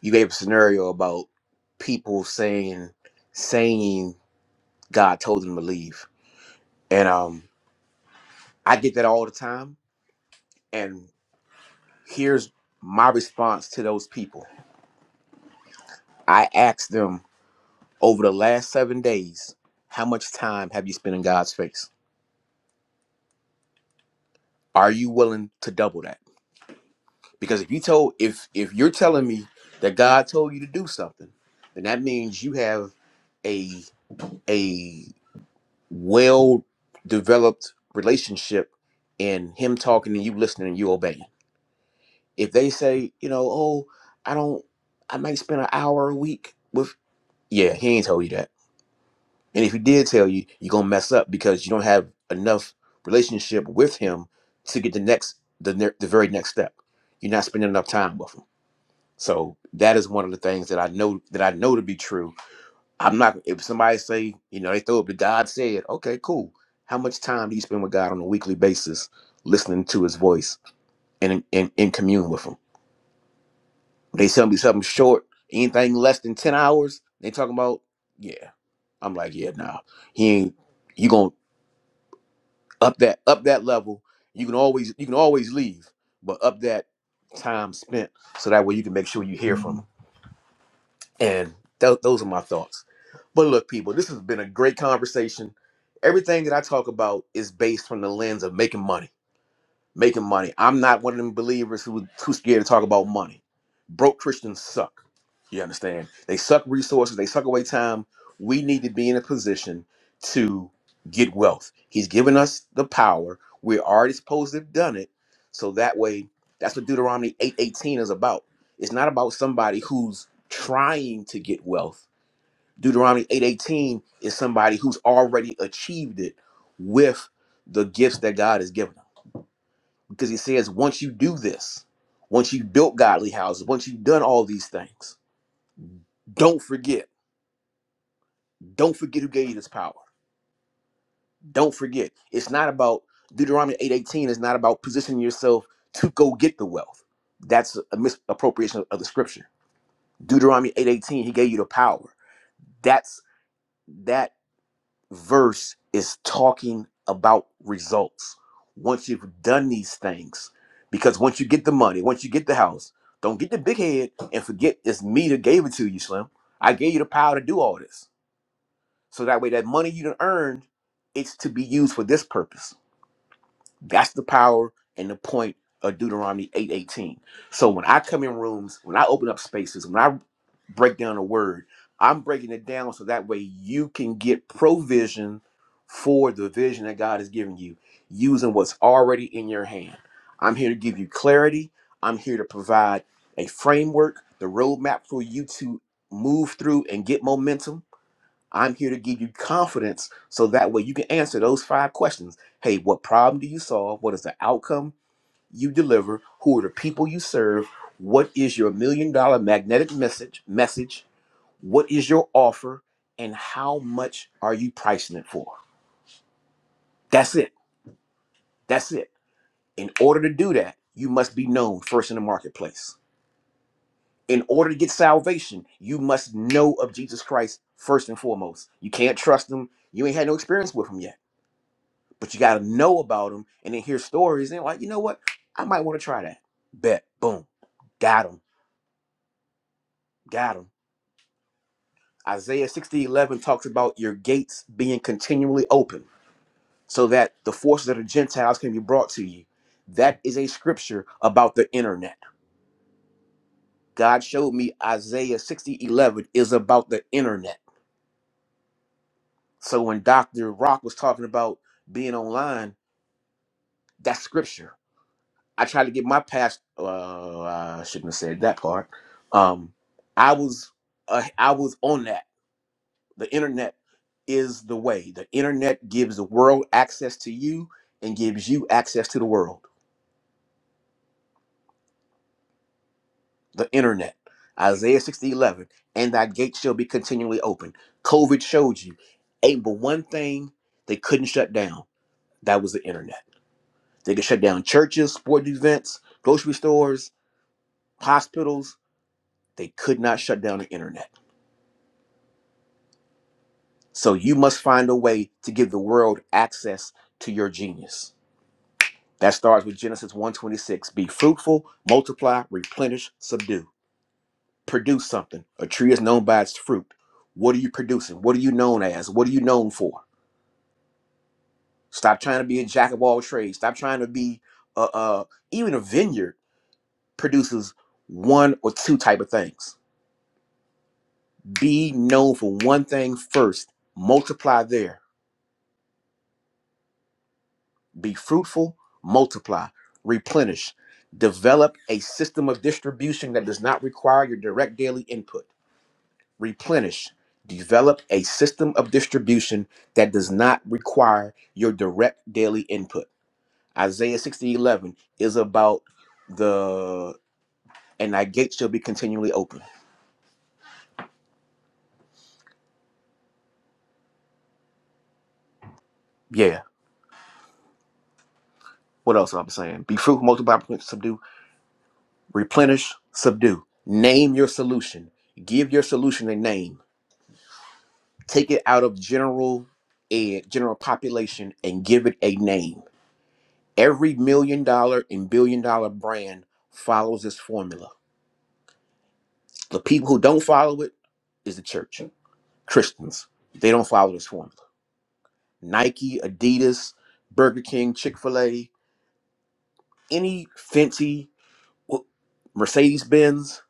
Speaker 1: you gave a scenario about people saying saying God told them to leave. And um I get that all the time. And here's my response to those people. I ask them Over the last seven days, how much time have you spent in God's face? Are you willing to double that? Because if you told if if you're telling me that God told you to do something, then that means you have a a well developed relationship in him talking and you listening and you obeying. If they say, you know, oh, I don't I might spend an hour a week with yeah, he ain't told you that. And if he did tell you, you're gonna mess up because you don't have enough relationship with him to get the next, the ne- the very next step. You're not spending enough time with him. So that is one of the things that I know that I know to be true. I'm not. If somebody say, you know, they throw up the God said, okay, cool. How much time do you spend with God on a weekly basis, listening to His voice and in, in, in commune with Him? They tell me something short, anything less than ten hours. They talking about, yeah. I'm like, yeah, nah. He ain't. You gonna up that up that level you can always you can always leave but up that time spent so that way you can make sure you hear from them and tho- those are my thoughts but look people this has been a great conversation everything that i talk about is based from the lens of making money making money. I'm not one of them believers who who's scared to talk about money. Broke Christians suck. You understand? They suck resources. They suck away time. We need to be in a position to get wealth. He's given us the power. We're already supposed to have done it. So that way, that's what Deuteronomy 8:18 is about. It's not about somebody who's trying to get wealth. Deuteronomy 8:18 is somebody who's already achieved it with the gifts that God has given because he says once you do this once you've built godly houses once you've done all these things don't forget don't forget who gave you this power don't forget it's not about deuteronomy 8.18 It's not about positioning yourself to go get the wealth that's a misappropriation of the scripture deuteronomy 8.18 he gave you the power that's that verse is talking about results. Once you've done these things, because once you get the money, once you get the house, don't get the big head and forget it's me that gave it to you, Slim. I gave you the power to do all this. So that way, that money you done earned, it's to be used for this purpose. That's the power and the point of Deuteronomy 8:18. So when I come in rooms, when I open up spaces, when I break down a word, I'm breaking it down so that way you can get provision for the vision that God has given you using what's already in your hand. I'm here to give you clarity. I'm here to provide a framework, the roadmap for you to move through and get momentum. I'm here to give you confidence so that way you can answer those five questions. Hey, what problem do you solve? What is the outcome you deliver? Who are the people you serve? What is your million dollar magnetic message message? What is your offer? And how much are you pricing it for? That's it. That's it. In order to do that, you must be known first in the marketplace. In order to get salvation, you must know of Jesus Christ first and foremost. You can't trust him. You ain't had no experience with him yet but you got to know about them and then hear stories and like you know what i might want to try that bet boom got him got him isaiah 60:11 talks about your gates being continually open so that the forces of the gentiles can be brought to you that is a scripture about the internet god showed me isaiah 60:11 is about the internet so when dr rock was talking about being online that's scripture I tried to get my past. Uh, I shouldn't have said that part. Um, I was, uh, I was on that. The internet is the way. The internet gives the world access to you and gives you access to the world. The internet, Isaiah sixty eleven, and thy gate shall be continually open. COVID showed you, ain't but one thing they couldn't shut down. That was the internet. They could shut down churches, sport events, grocery stores, hospitals. They could not shut down the internet So you must find a way to give the world access to your genius. That starts with Genesis one twenty six. Be fruitful, multiply, replenish, subdue. Produce something. A tree is known by its fruit. What are you producing? What are you known as? What are you known for? Stop trying to be a jack of all trades. Stop trying to be uh, uh even a vineyard produces one or two type of things. Be known for one thing first. Multiply there Be fruitful, multiply, replenish, develop a system of distribution that does not require your direct daily input. Replenish, develop a system of distribution that does not require your direct daily input. Isaiah 60 eleven is about the and thy gate shall be continually open. Yeah. What else I'm saying? Be fruitful, multiply, subdue, replenish, subdue. Name your solution. Give your solution a name take it out of general and general population and give it a name. Every million dollar and billion dollar brand follows this formula. The people who don't follow it is the church, Christians. They don't follow this formula. Nike, Adidas, Burger King, Chick fil A, any fancy Mercedes Benz,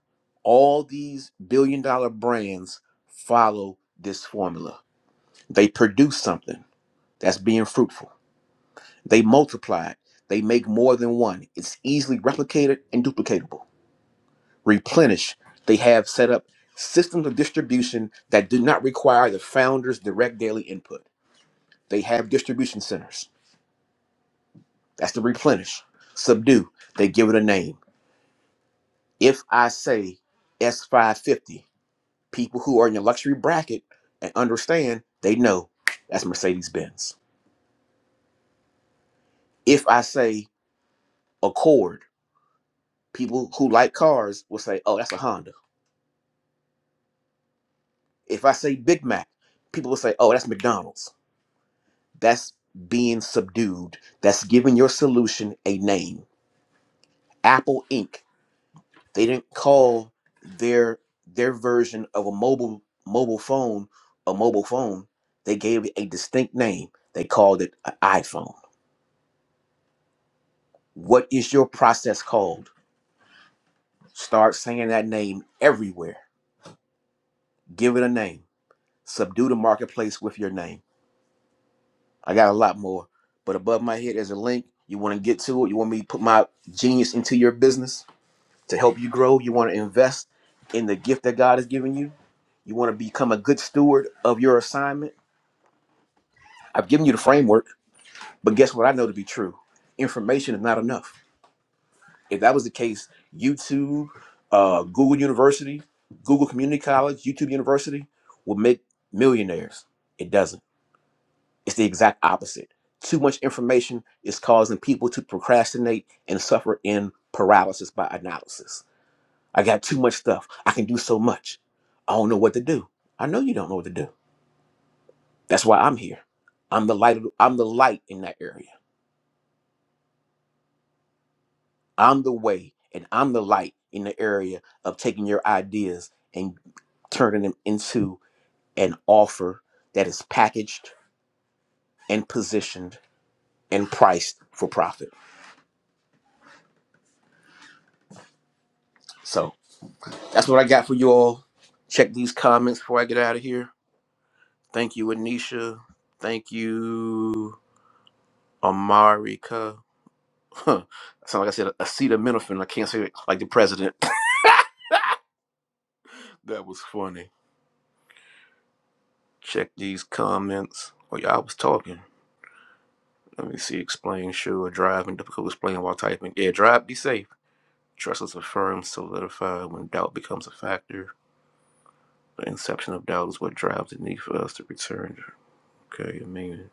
Speaker 1: all these billion dollar brands follow this formula. They produce something that's being fruitful They multiply. They make more than one. It's easily replicated and duplicatable. Replenish. They have set up systems of distribution that do not require the founder's direct daily input. They have distribution centers. That's the replenish. Subdue. They give it a name. If I say S550, people who are in the luxury bracket and understand, they know that's Mercedes Benz. If I say Accord, people who like cars will say, oh, that's a Honda If I say Big Mac, people will say, oh, that's McDonald's. That's being subdued. That's giving your solution a name. Apple Inc. They didn't call their their version of a mobile mobile phone a mobile phone. They gave it a distinct name. They called it an iPhone. What is your process called? Start saying that name everywhere. Give it a name. Subdue the marketplace with your name. I got a lot more. But above my head, there's a link. You want to get to it. You want me to put my genius into your business to help you grow. You want to invest in the gift that God has given you. You want to become a good steward of your assignment. I've given you the framework, but guess what I know to be true? Information is not enough. If that was the case, YouTube, uh, Google University, Google Community College, YouTube University would make millionaires. It doesn't. It's the exact opposite. Too much information is causing people to procrastinate and suffer in paralysis by analysis. I got too much stuff. I can do so much. I don't know what to do. I know you don't know what to do. That's why I'm here. I'm the light. of- I'm the light in that area. I'm the way, and I'm the light in the area of taking your ideas and turning them into an offer that is packaged and positioned and priced for profit. So. That's what I got for you all. Check these comments before I get out of here. Thank you, Anisha. Thank you, Amarika. Huh. Sound like I said acetaminophen. I can't say it like the president. that was funny. Check these comments. Oh yeah, I was talking. Let me see. Explain. Sure. Driving. Difficult. Explain while typing. Yeah. Drive. Be safe. Trust is affirmed, solidified when doubt becomes a factor. The inception of doubt is what drives the need for us to return. Okay. I mean,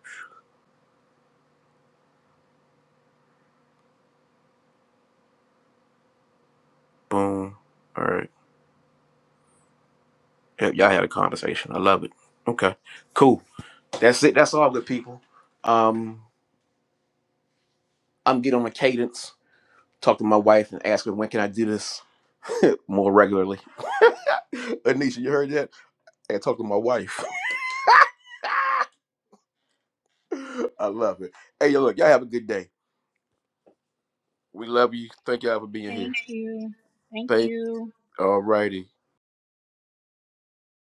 Speaker 1: boom. All right. Yep, y'all had a conversation. I love it. Okay, cool. That's it. That's all, good people. Um, I'm getting on a cadence. Talk to my wife and ask her when can I do this more regularly. Anisha, you heard that? I gotta talk to my wife. I love it. Hey, yo, look, y'all have a good day. We love you. Thank y'all for being here.
Speaker 3: there
Speaker 1: Thank. All righty.